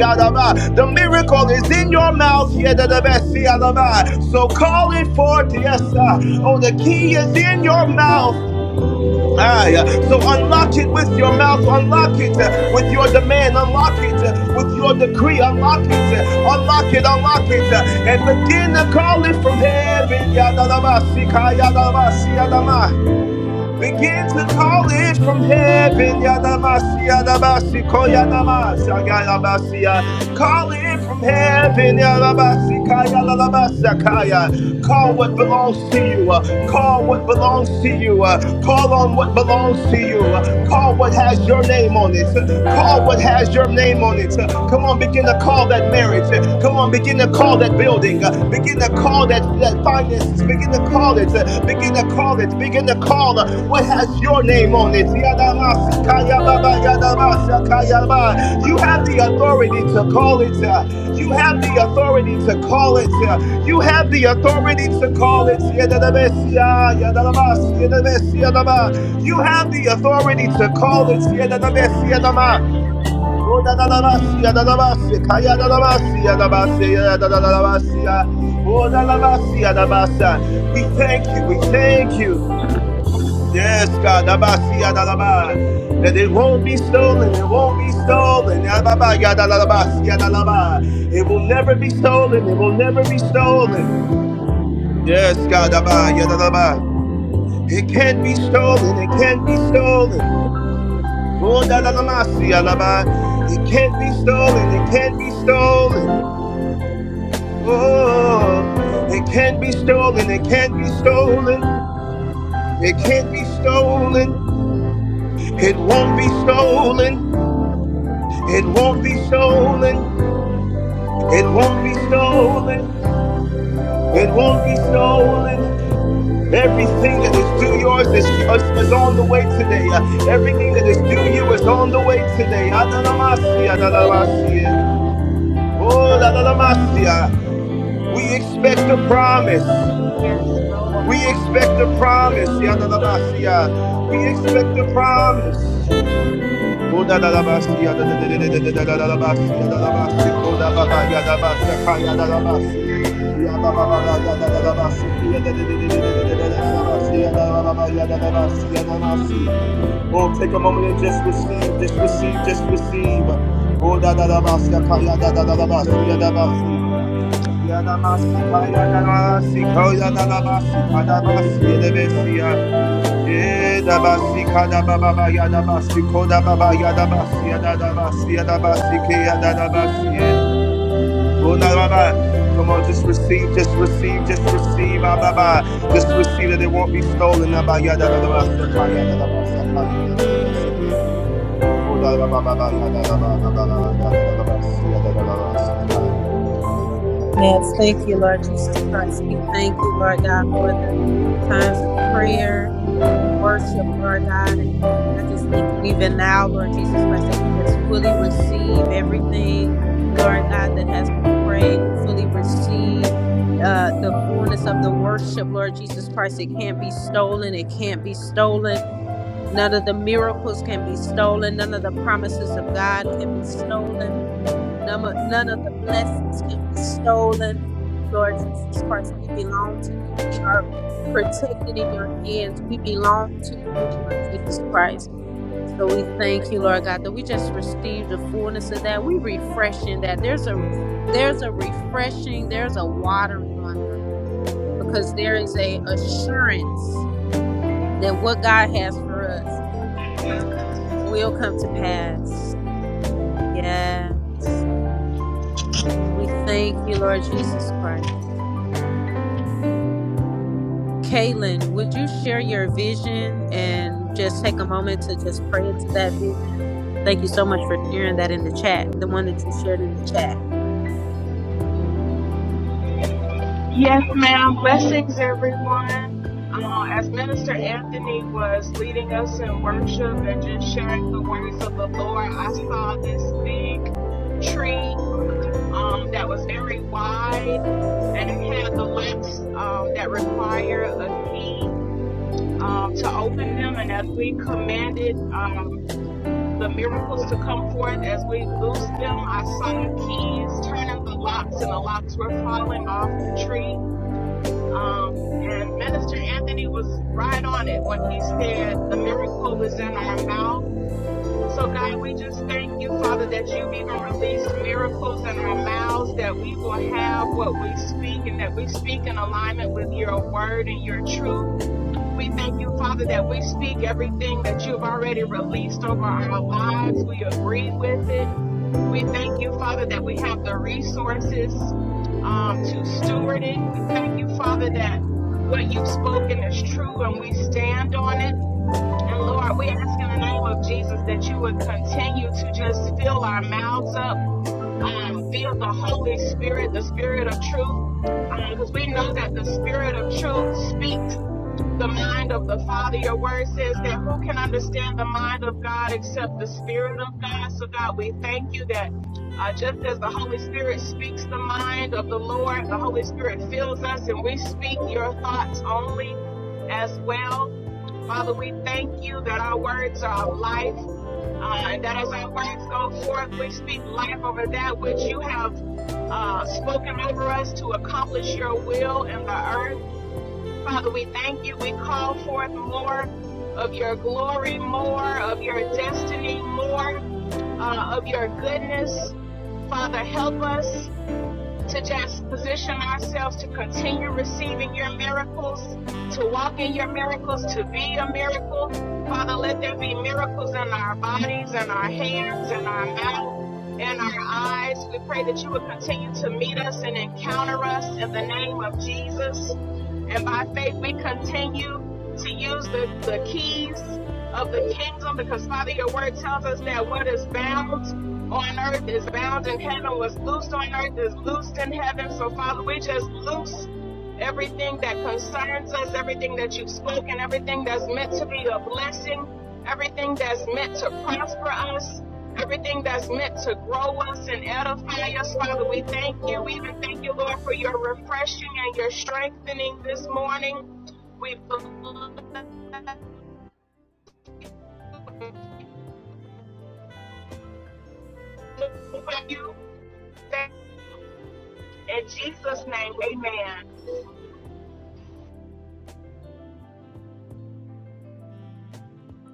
Speaker 5: The miracle is in your mouth. Yadabesiyadaba. So call it forth, yes. uh, Oh, the key is in your mouth. Aye. uh, So unlock it with your mouth, unlock it uh, with your demand, unlock it uh, with your decree, unlock it, uh, unlock it, unlock it, uh, and begin to call it from heaven. Yadalabasi, kayadalabasi, yadama. Begin to call it from heaven, Yadamasi, Yadabasi, Koyadamasi, Yadabasi, uh, Call it from heaven, Yadabasi, Kaya, Lalabasa, Kaya. Call what belongs to you. uh, Call what belongs to you. uh, Call on what belongs to you. uh, Call what has your name on it. uh, Call what has your name on it. uh, Come on, begin to call that marriage. uh, Come on, begin to call that building anointing. Uh, Begin to call that, that finances. Begin to call it. uh, Begin to call it. Begin to call uh, what has your name on it. Yadamasikayababa, yadamasakayaba. You have the authority to call it. uh, You have the authority to call it. uh, You have the authority to call it. Yadadabesia, yadadabasi, yadadabesi, yadaba. You have the authority to call it. Yadadabesia, yadama. Roda da da basia da Rodalabasia, dalabasia, kaya dalabasia, dalabasia, dalabasia, rodalabasia, dalabasia. We thank you, we thank you. Yes, God, da basia da da ba that it won't be stolen, it won't be stolen. da da da ba ya da da basia da da ba It will never be stolen, it will never be stolen. Yes, God, da da ba ya da da ba it can't be stolen, it can't be stolen. Roda da da basia da ba It can't be stolen, it can't be stolen. Oh, it can be stolen. It can be stolen. It can't be stolen. It won't be stolen. It won't be stolen. It won't be stolen. It won't be stolen. Everything that is due yours is, is, is on the way today. Uh, everything that is due you is on the way today. Adalamasia, adalamasia. Oh, adalamasia. We expect a promise.
Speaker 6: Yes, Lord.
Speaker 5: We expect the promise. Yadalabasia. We expect the promise. Oh, da da da ba si ya da da da da da da da da da da ba si ya da da ba si ko da ba ba ya da ba si ka ya da da ba si ya ba ba ba ba ya da da da ba si ya da da da da da da da da da da da ba si ya da ba ba ba ya da da ba si ya da ba si. Oh, take a moment and just receive, just receive, just receive. Oh, da da da ba si ka ya da da da da ba si ya da ba si. Yadamasika, yadamasika, yadamasika, dabasi, yedebesia. Yedabasi, kadababa, yadabasi, kodababa, yadabasi, yadadabasi, yadabasi, ke, yadadabasi. Onababa. Come on, just receive, just receive, just receive, ah, baba. Just receive that it won't be stolen. Abba, yadadabasi, ka, yadadabasi, ka, yadadabasi, ke. Odababa, yadadababa, yadadabasi, yadadabasi, ka.
Speaker 1: Yes, thank you, Lord Jesus Christ. We thank you, Lord God, for the times of prayer and the worship, Lord God. And I just thank you even now, Lord Jesus Christ, that we just fully receive everything, Lord God, that has been prayed. We fully receive uh, the fullness of the worship, Lord Jesus Christ. It can't be stolen. It can't be stolen. None of the miracles can be stolen. None of the promises of God can be stolen. None of none of the blessings can be stolen. Lord Jesus Christ, we belong to you. We are protected in your hands. We belong to you, Lord Jesus Christ. So we thank you, Lord God, that we just receive the fullness of that. We refreshing that. There's a there's a refreshing, there's a watering on that because there is a assurance that what God has for us will come to pass. Yeah. We thank you, Lord Jesus Christ. Kaylin, would you share your vision and just take a moment to just pray into that vision? Thank you so much for sharing that in the chat, the one that you shared in the chat.
Speaker 6: Yes, ma'am. Blessings, everyone. Uh, as Minister Anthony was leading us in worship and just sharing the words of the Lord, I saw this big tree um, that was very wide and it had the locks um, that require a key um, to open them. And as we commanded um, the miracles to come forth, as we loosed them, I saw the keys turning the locks and the locks were falling off the tree. Um, and Minister Anthony was right on it when he said the miracle is in our mouth. So, God, we just thank you, Father, that you've even released miracles in our mouths, that we will have what we speak and that we speak in alignment with your word and your truth. We thank you, Father, that we speak everything that you've already released over our lives. We agree with it. We thank you, Father, that we have the resources um, to steward it. We thank you, Father, that what you've spoken is true and we stand on it. And Lord, we ask in the name of Jesus that you would continue to just fill our mouths up, um, fill the Holy Spirit, the Spirit of truth, because we know that the Spirit of truth speaks the mind of the Father. Your word says that who can understand the mind of God except the Spirit of God? So, God, we thank you that uh, just as the Holy Spirit speaks the mind of the Lord, the Holy Spirit fills us and we speak your thoughts only as well. Father, we thank you that our words are life. Uh, and that as our words go forth, we speak life over that which you have uh, spoken over us to accomplish your will in the earth. Father, we thank you. We call forth more of your glory, more of your destiny, more uh, of your goodness. Father, help us to just position ourselves to continue receiving your miracles, to walk in your miracles, to be a miracle. Father, let there be miracles in our bodies, in our hands, in our mouth, in our eyes. We pray that you would continue to meet us and encounter us in the name of Jesus. And by faith, we continue to use the, the keys of the kingdom because Father, your word tells us that what is bound on earth is bound in heaven, what's loosed on earth is loosed in heaven. So Father, we just loose everything that concerns us, everything that you've spoken, everything that's meant to be a blessing, everything that's meant to prosper us. Everything that's meant to grow us and edify us, Father, we thank you. We even thank you, Lord, for your refreshing and your strengthening this morning. We believe you. In Jesus' name, amen.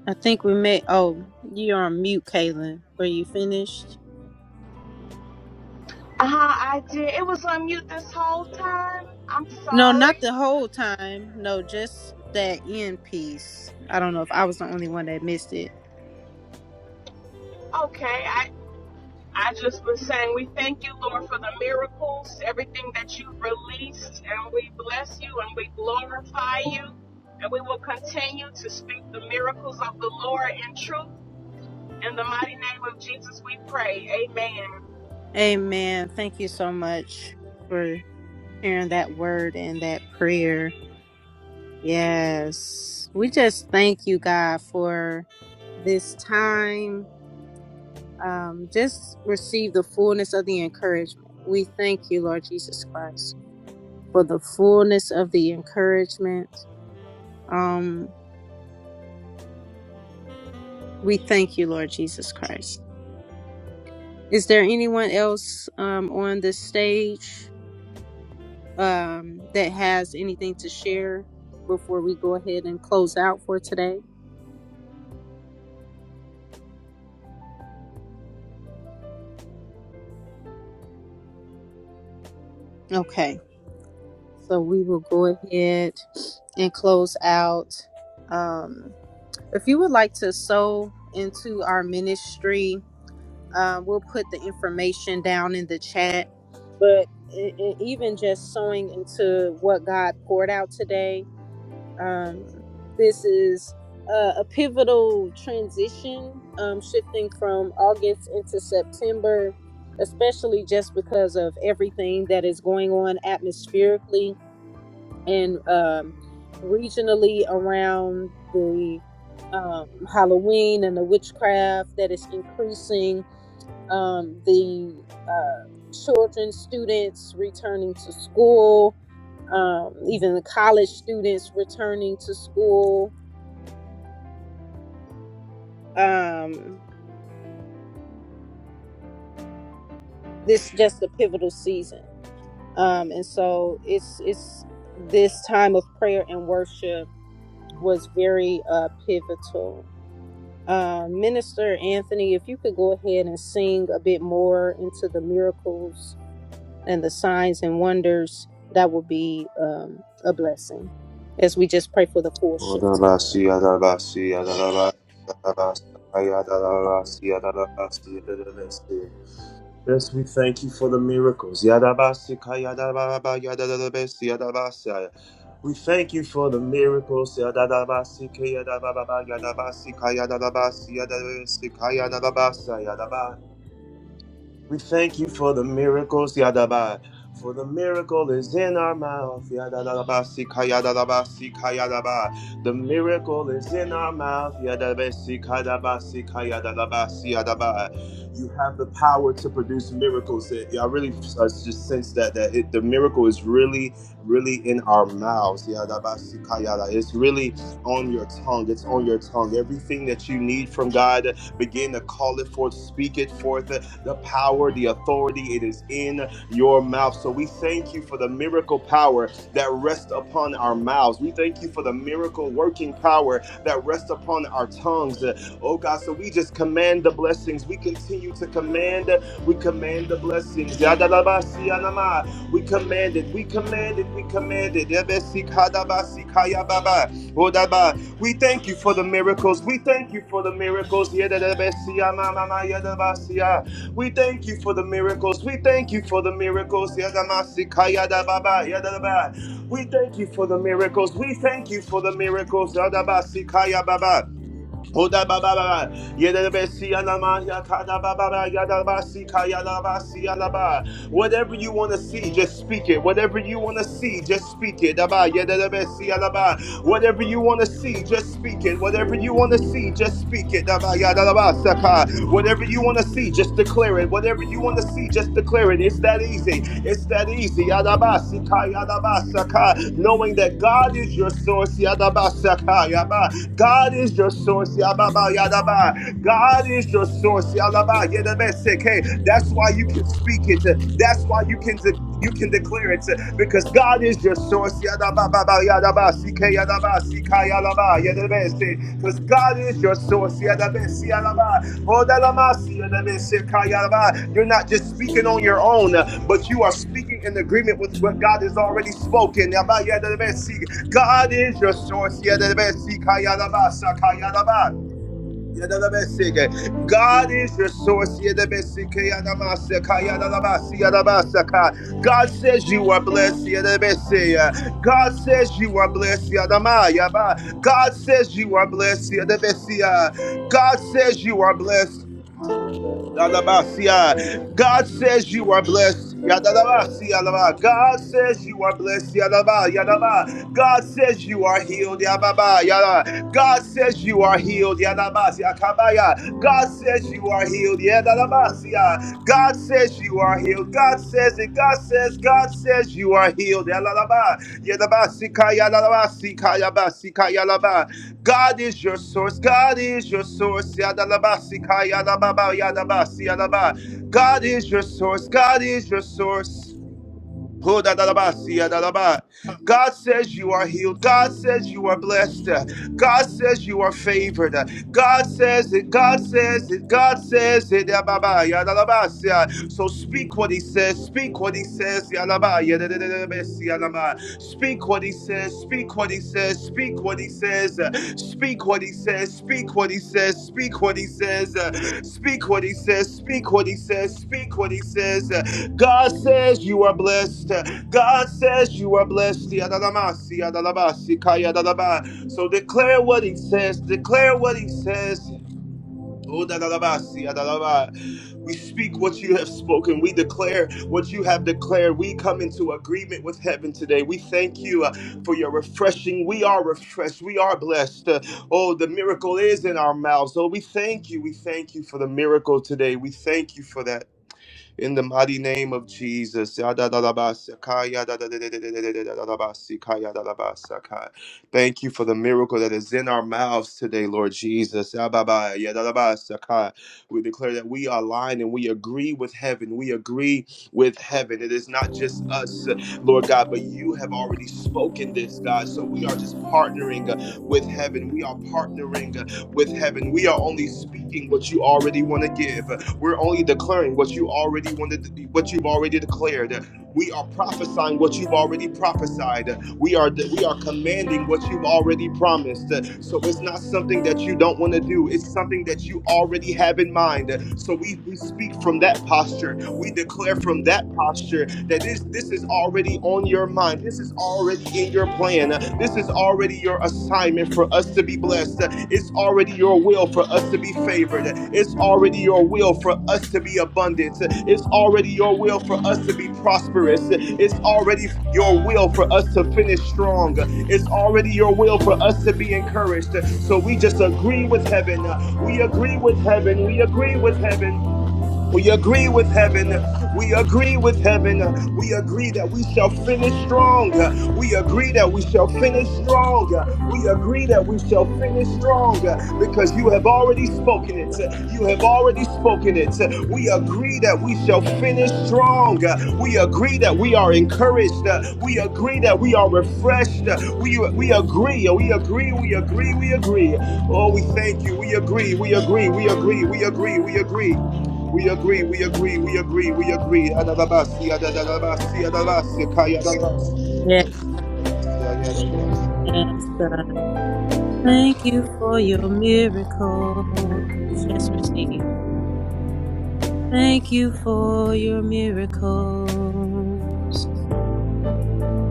Speaker 1: I think we may. Oh, you're on mute, Kaylin. Were you finished?
Speaker 6: Uh huh, I did. It was on mute this whole time. I'm
Speaker 1: No, not
Speaker 6: sorry.
Speaker 1: the whole time. No, just that end piece. I don't know if I was the only one that missed it.
Speaker 6: Okay, I, I just was saying we thank you, Lord, for the miracles, everything that you released, and we bless you and we glorify you. And we will continue to speak the miracles of the Lord in truth. In the mighty name of Jesus, we pray. Amen.
Speaker 1: Amen. Thank you so much for sharing that word and that prayer. Yes. We just thank you, God, for this time. Um, just receive the fullness of the encouragement. We thank you, Lord Jesus Christ, for the fullness of the encouragement. Um, we thank you, Lord Jesus Christ. Is there anyone else um, on the stage um, that has anything to share before we go ahead and close out for today? Okay. So we will go ahead and close out. Um, if you would like to sow into our ministry, uh, we'll put the information down in the chat. But e- e- even just sowing into what God poured out today, um, this is a, a pivotal transition, um, shifting from August into September, especially just because of everything that is going on atmospherically and um, regionally around the um, Halloween and the witchcraft that is increasing um, the uh, children, students returning to school, um, even the college students returning to school. Um, this just a pivotal season, um, and so it's it's this time of prayer and worship was very uh, pivotal Uh, Minister Anthony, if you could go ahead and sing a bit more into the miracles and the signs and wonders, that would be um, a blessing as we just pray for the full
Speaker 5: Yes,
Speaker 1: shift to come in.
Speaker 5: we thank you for the miracles. We thank you for the miracles. We thank you for the miracles, Yadaba. For the miracle is in our mouth, Yadadaba, Sika, Yadadaba, Sika, Yadaba. The miracle is in our mouth, Yadaba, Sika, Yadaba, Sika, Yadadaba, Siyadaba. You have the power to produce miracles. It- yeah, I really uh, just sense that that it, the miracle is really, really in our mouths. Yadaba, Sika, Yada. It's really on your tongue. It's on your tongue. Everything that you need from God Begin to call it forth, speak it forth, uh, the power, the authority, it is in your mouth. So we thank you for the miracle power that rests upon our mouths. We thank you for the miracle working power that rests upon our tongues. Uh, Oh God, so we just command the blessings. We continue to command, we command the blessings. Yadalabasiyanama. We command it, we command it, we command it. Ebesikadabasikayababa. We thank you for the miracles. We thank you for the miracles. Yededebesia, ma, ma, We thank you for the miracles. We thank you for the miracles. Yedamasika, yedababa, yedaba. We thank you for the miracles. We thank you for the miracles. Yedabasika, yababa. Oda baba baba yada besi alama yakada baba baba yada basi kaya la basi alaba. Whatever you want to see, just speak it. Whatever you want to see, just speak it. Daba yada besi alaba. Whatever you want to see, just speak it. Whatever you want to see, just speak it. Daba yada laba saka. Whatever you want to see, just declare it. Whatever you want to see, just declare it. It's that easy. It's that easy. Yada basi kaya la basaka. Knowing that God is your source. Yada basaka yaba. God is your source. God is your source. Yalaba Yedebe Seke. That's why you can speak it. That's why you can de- you can declare it because God is your source. Yadaba Baba Yadaba Sike Yadaba Sika Yalaba Yedebe Se. Because God is your source. Yadebe Si Yalaba. Odalama Si Yedebe Seka Yalaba. You're not just speaking on your own, but you are speaking in agreement with what God has already spoken. Yaba Yedebe Si. God is your source. Yedebe Sika Yalaba Saka Yalaba. Yadabaseke. God is your source. Yadabaseke, yadamaseka, yadalabasi, yadabasaka. God says you are blessed. Yadabase. God says you are blessed. Yadama, yaba. God says you are blessed. Yadabase. God says you are blessed. Alabasia. God says you are blessed. Yadalabasia, alaba. God says you are blessed. Yadaba, yadaba. God says you are healed. Yababa, yada. God says you are healed. Yadabasia, kabaya. God says you are healed. Yadalabasia. God says says you are healed. God says it. God says, God says you are healed. Yalalaba, yadaba, sikaya, lalaba, sikaya, ba, sikaya, laba. God is your source. God is your source. Yadalaba, sikaya, lababa, yadaba, siyalaba. God is your source. God is your source. Ho da da da ba, si ya da da ba. God says you are healed. God says you are blessed. God says you are favored. God says it. God says it. God says it. Ya ba ba, ya da da ba, si ya. So speak what he says. Speak what he says. ya da ba, ya da da da da ba, si ya da ma. Speak what he says. Speak. Speak what he says. Speak what he says. uh, Speak what he says. Speak what he says. Speak what he says. uh, Speak what he says. Speak what he says. Speak what he says. uh, God says you are blessed. uh, God says you are blessed. Yadalamasi, yadalabasi, kayadalaba. So declare what he says. Declare what he says. Oh, da, da, da, ba, si, ah, da, da, ba. We speak what you have spoken. We declare what you have declared. We come into agreement with heaven today. We thank you uh, for your refreshing. We are refreshed. We are blessed. Uh, oh, the miracle is in our mouths. Oh, we thank you. We thank you for the miracle today. We thank you for that in the mighty name of Jesus. Yadadadabasakai, yadadadadadadadadadabasikai, yadadabasakai. Thank you for the miracle that is in our mouths today, Lord Jesus. Yababa, yadadabasakai. We declare that we align and we agree with heaven. We agree with heaven. It is not just us, Lord God, but you have already spoken this, God. So we are just partnering uh, with heaven. We are partnering with heaven. We are only speaking what you already want to give. We're only declaring what you already wanted, what you've already declared. We are prophesying what you've already prophesied. We are we are commanding what you've already promised. So it's not something that you don't want to do. It's something that you already have in mind. So we, we speak from that posture. We declare from that posture that this this is already on your mind. This is already in your plan. This is is already your assignment for us to be blessed. It's already your will for us to be favored. It's already your will for us to be abundant. It's already your will for us to be prosperous. It's already your will for us to finish strong. It's already your will for us to be encouraged. So we just agree with heaven. We agree with heaven. We agree with heaven. We agree with heaven. We agree with heaven. We agree that we shall finish strong. We agree that we shall finish strong. We agree that we shall finish strong because you have already spoken it. You have already spoken it. We agree that we shall finish strong. We agree that we are encouraged. We agree that we are refreshed. We we agree. We agree. We agree. We agree. Oh, we thank you. We agree. We agree. We agree. We agree. We agree. We agree, we agree, we agree, we agree. Adadabasi, adadadabasi, adadabasi, kaya, adadabasi,
Speaker 1: Yes,
Speaker 5: adadabasi, adadabasi,
Speaker 1: God. Thank you for your miracles. Just receive. Thank you for your miracles.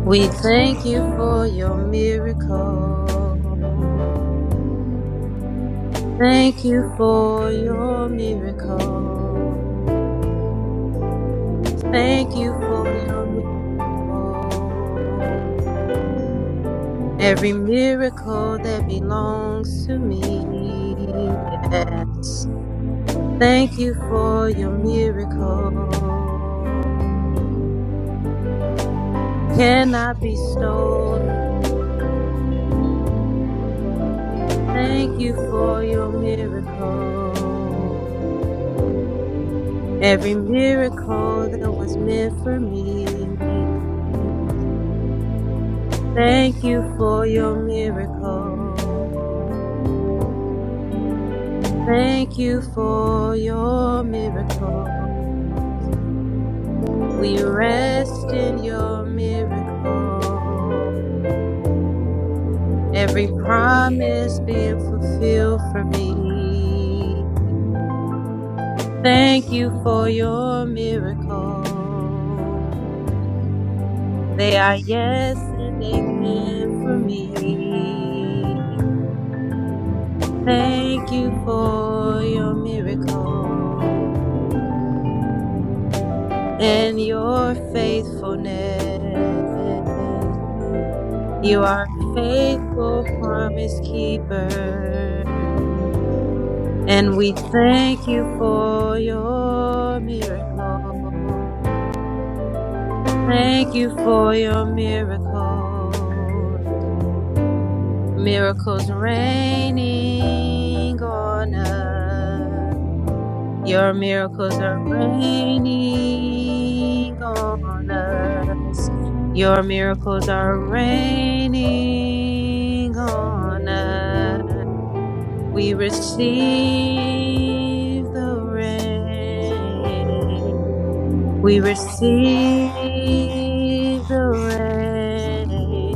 Speaker 1: We thank you for your miracles. Thank you for your miracle. Thank you for your miracle. Every miracle that belongs to me. Yes. Thank you for your miracle. Cannot be stolen. Thank you for your miracle. Every miracle that was meant for me. Thank you for your miracle. Thank you for your miracle. We rest in your miracle. Every promise being fulfilled for me. Thank you for your miracle. They are yes and amen for me. Thank you for your miracle. and your faithfulness. You are a faithful promise keeper. And we thank you for your miracle. Thank you for your miracle. Miracles raining on us. Your miracles are raining on us. Your miracles are raining on us. We receive the rain. We receive the rain.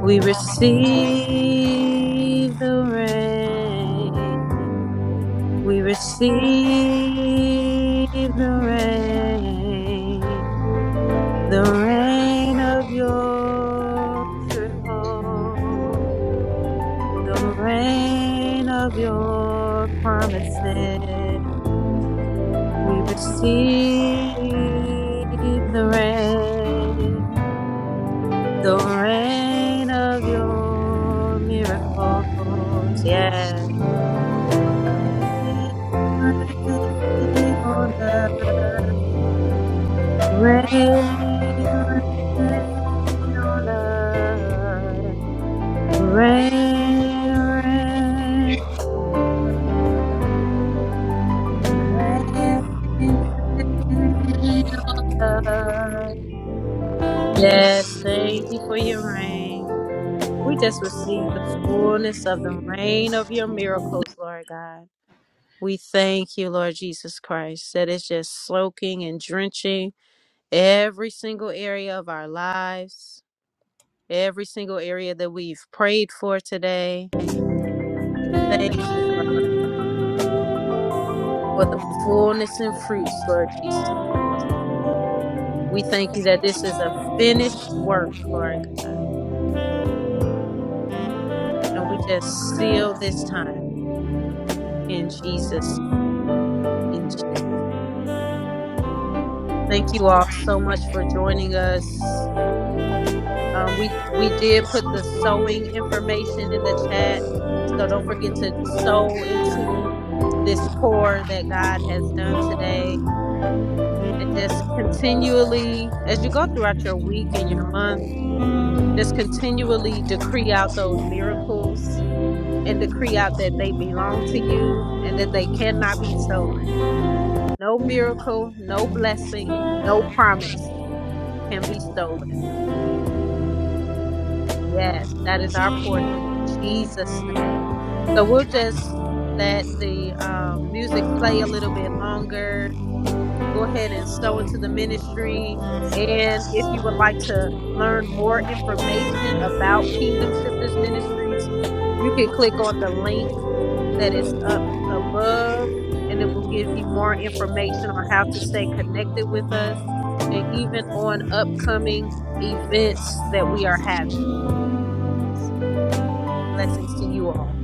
Speaker 1: We receive the rain. We receive the rain, the rain of your miracle, the rain of your promises. We receive the rain, the rain of your miracles. Yes. Rain on us. Rain, rain on us. Rain, rain, rain on us. Yes, thank you for your rain. We just receive the fullness of the rain of your miracles, Lord God. We thank you, Lord Jesus Christ, that it's just soaking and drenching every single area of our lives every single area that we've prayed for today. Thank you, Lord God, for the fullness and fruits, Lord Jesus Christ. We thank you that this is a finished work, Lord God. And we just seal this time in Jesus. In Jesus. Thank you all so much for joining us. Um, we we did put the sewing information in the chat. So don't forget to sow into this pour that God has done today and just continually as you go throughout your week and your month just continually decree out those miracles and decree out that they belong to you and that they cannot be stolen no miracle no blessing no promise can be stolen yes that is our portion in jesus name so we'll just let the um, music play a little bit longer go ahead and sow into the ministry. And if you would like to learn more information about Kingdom Shifters Ministries, you can click on the link that is up above and it will give you more information on how to stay connected with us and even on upcoming events that we are having. Blessings to you all.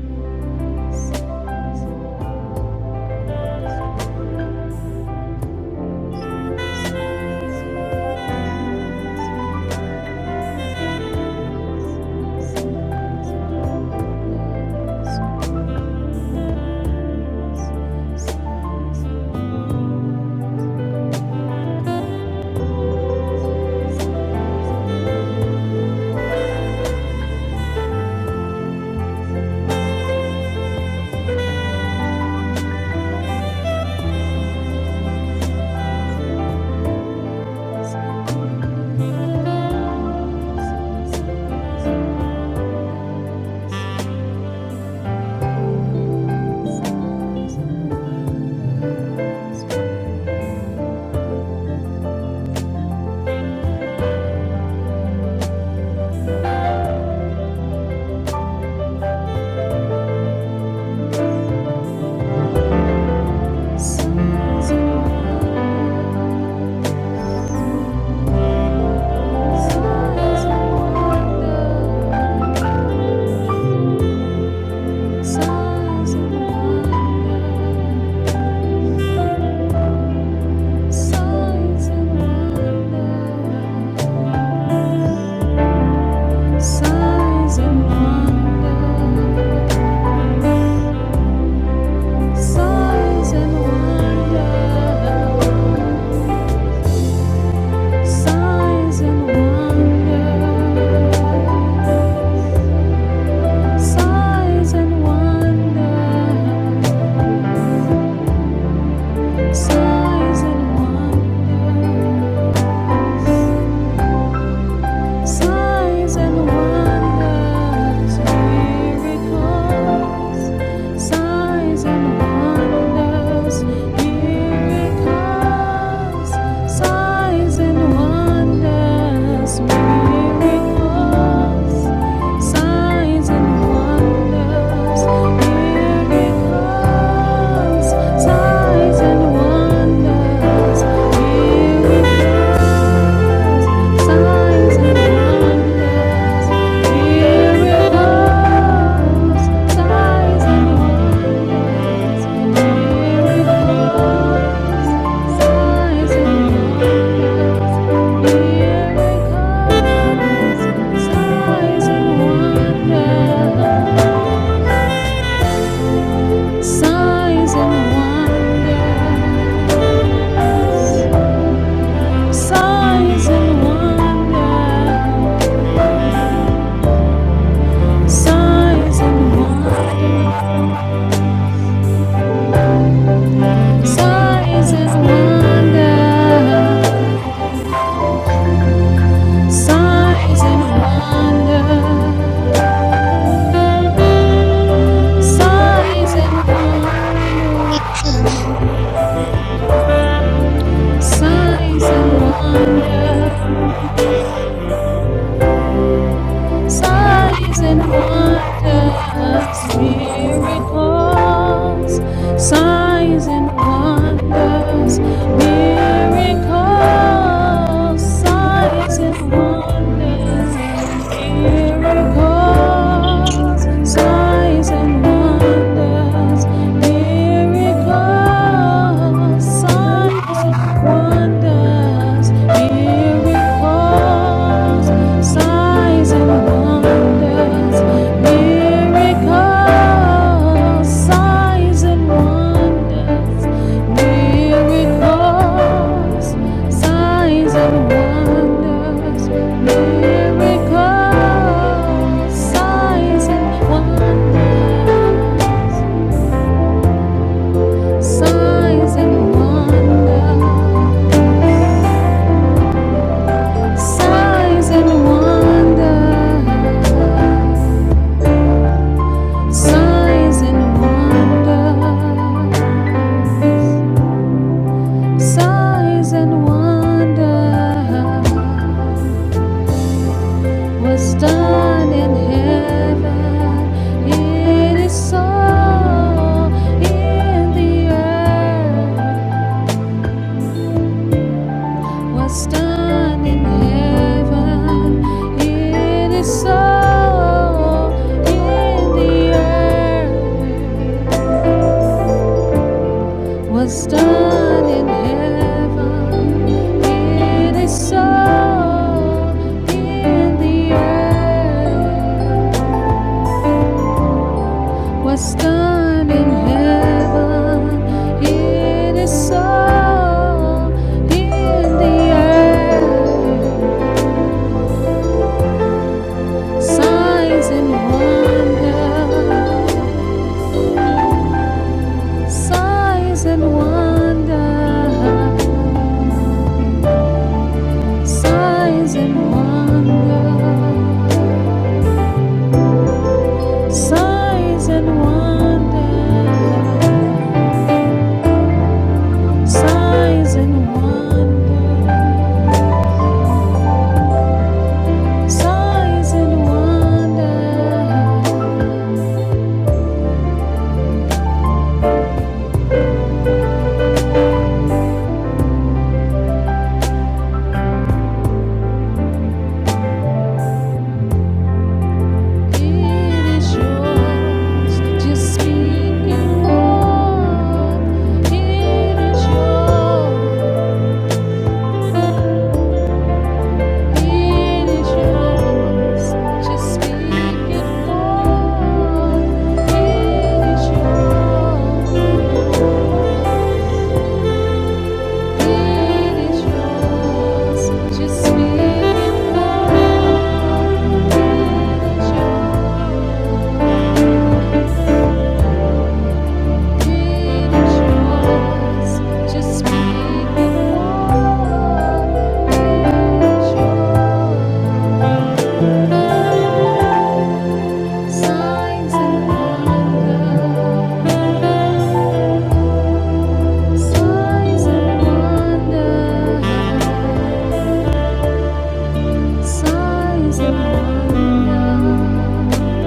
Speaker 7: Size and wonder. Size and wonders, miracles. Size and wonders, miracles. Size and wonders, miracles. Signs and wonders, miracles. Signs and wonders, miracles. Signs and wonders, miracles. Signs and wonders, miracles. Signs and wonders. Sighs and wonders, sighs and wonders, sighs and wonders, sighs and wonders, sighs and wonders, sighs and sighs and wonders. Signs and wonders, miracles. Signs and wonders, miracles. Signs and wonders, miracles. Signs and wonders, miracles. Sighs Wonders, miracles, signs and wonders, miracles, signs and wonders, miracles, signs and wonders, miracles, signs and wonders, signs and wonders. Signs and wonder, signs and wonder, signs and wonder. Was done in heaven. It is so in the earth. Was done in heaven. It is so in the earth. was done in heaven, it is so in the earth. Was done in heaven, it is so in the earth. Signs and wonder, signs and wonder, signs and wonder. Signs and wonder, signs and wonder, signs and wonder. It is yours. Just speak and walk. It is yours. It is yours. Just speak and walk. It is yours. Signs and wonder, signs and wonder. Sighs of wonder,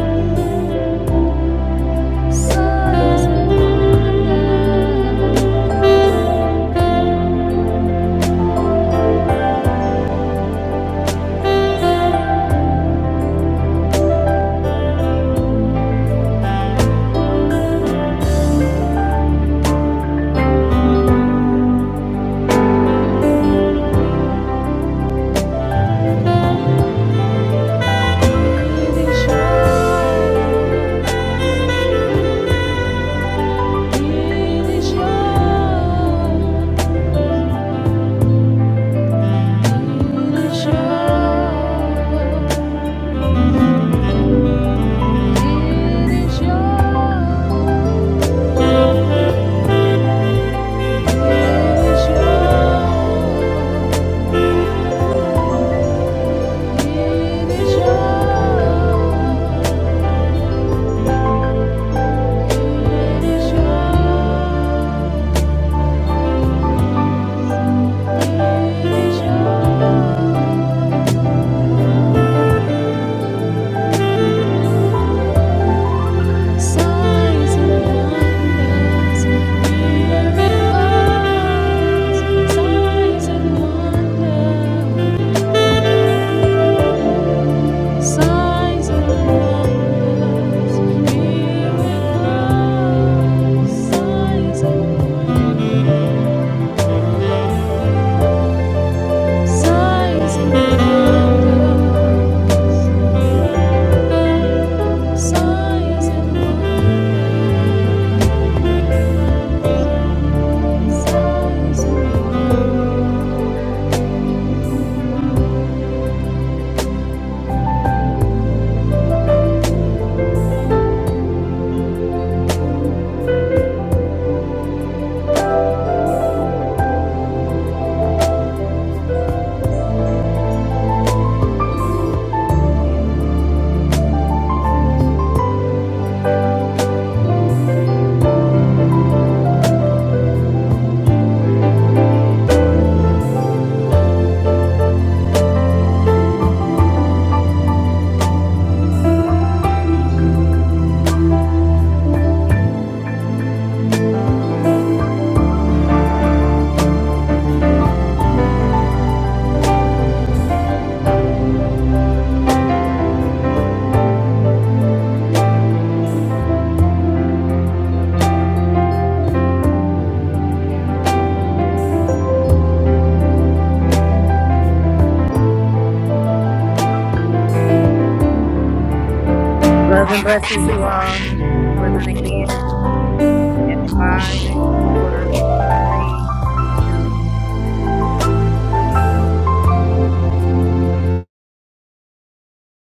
Speaker 7: sighs of wonder. Gidişat, gidişat, gidişat, gidişat, gidişat, gidişat, gidişat, gidişat. Signs and wonders, here it was. Signs and wonders, signs and wonders, here it was. Signs and wonders, signs and wonders. Sighs and
Speaker 1: Love and blessings, you all. We're going to end in five, four, three, two,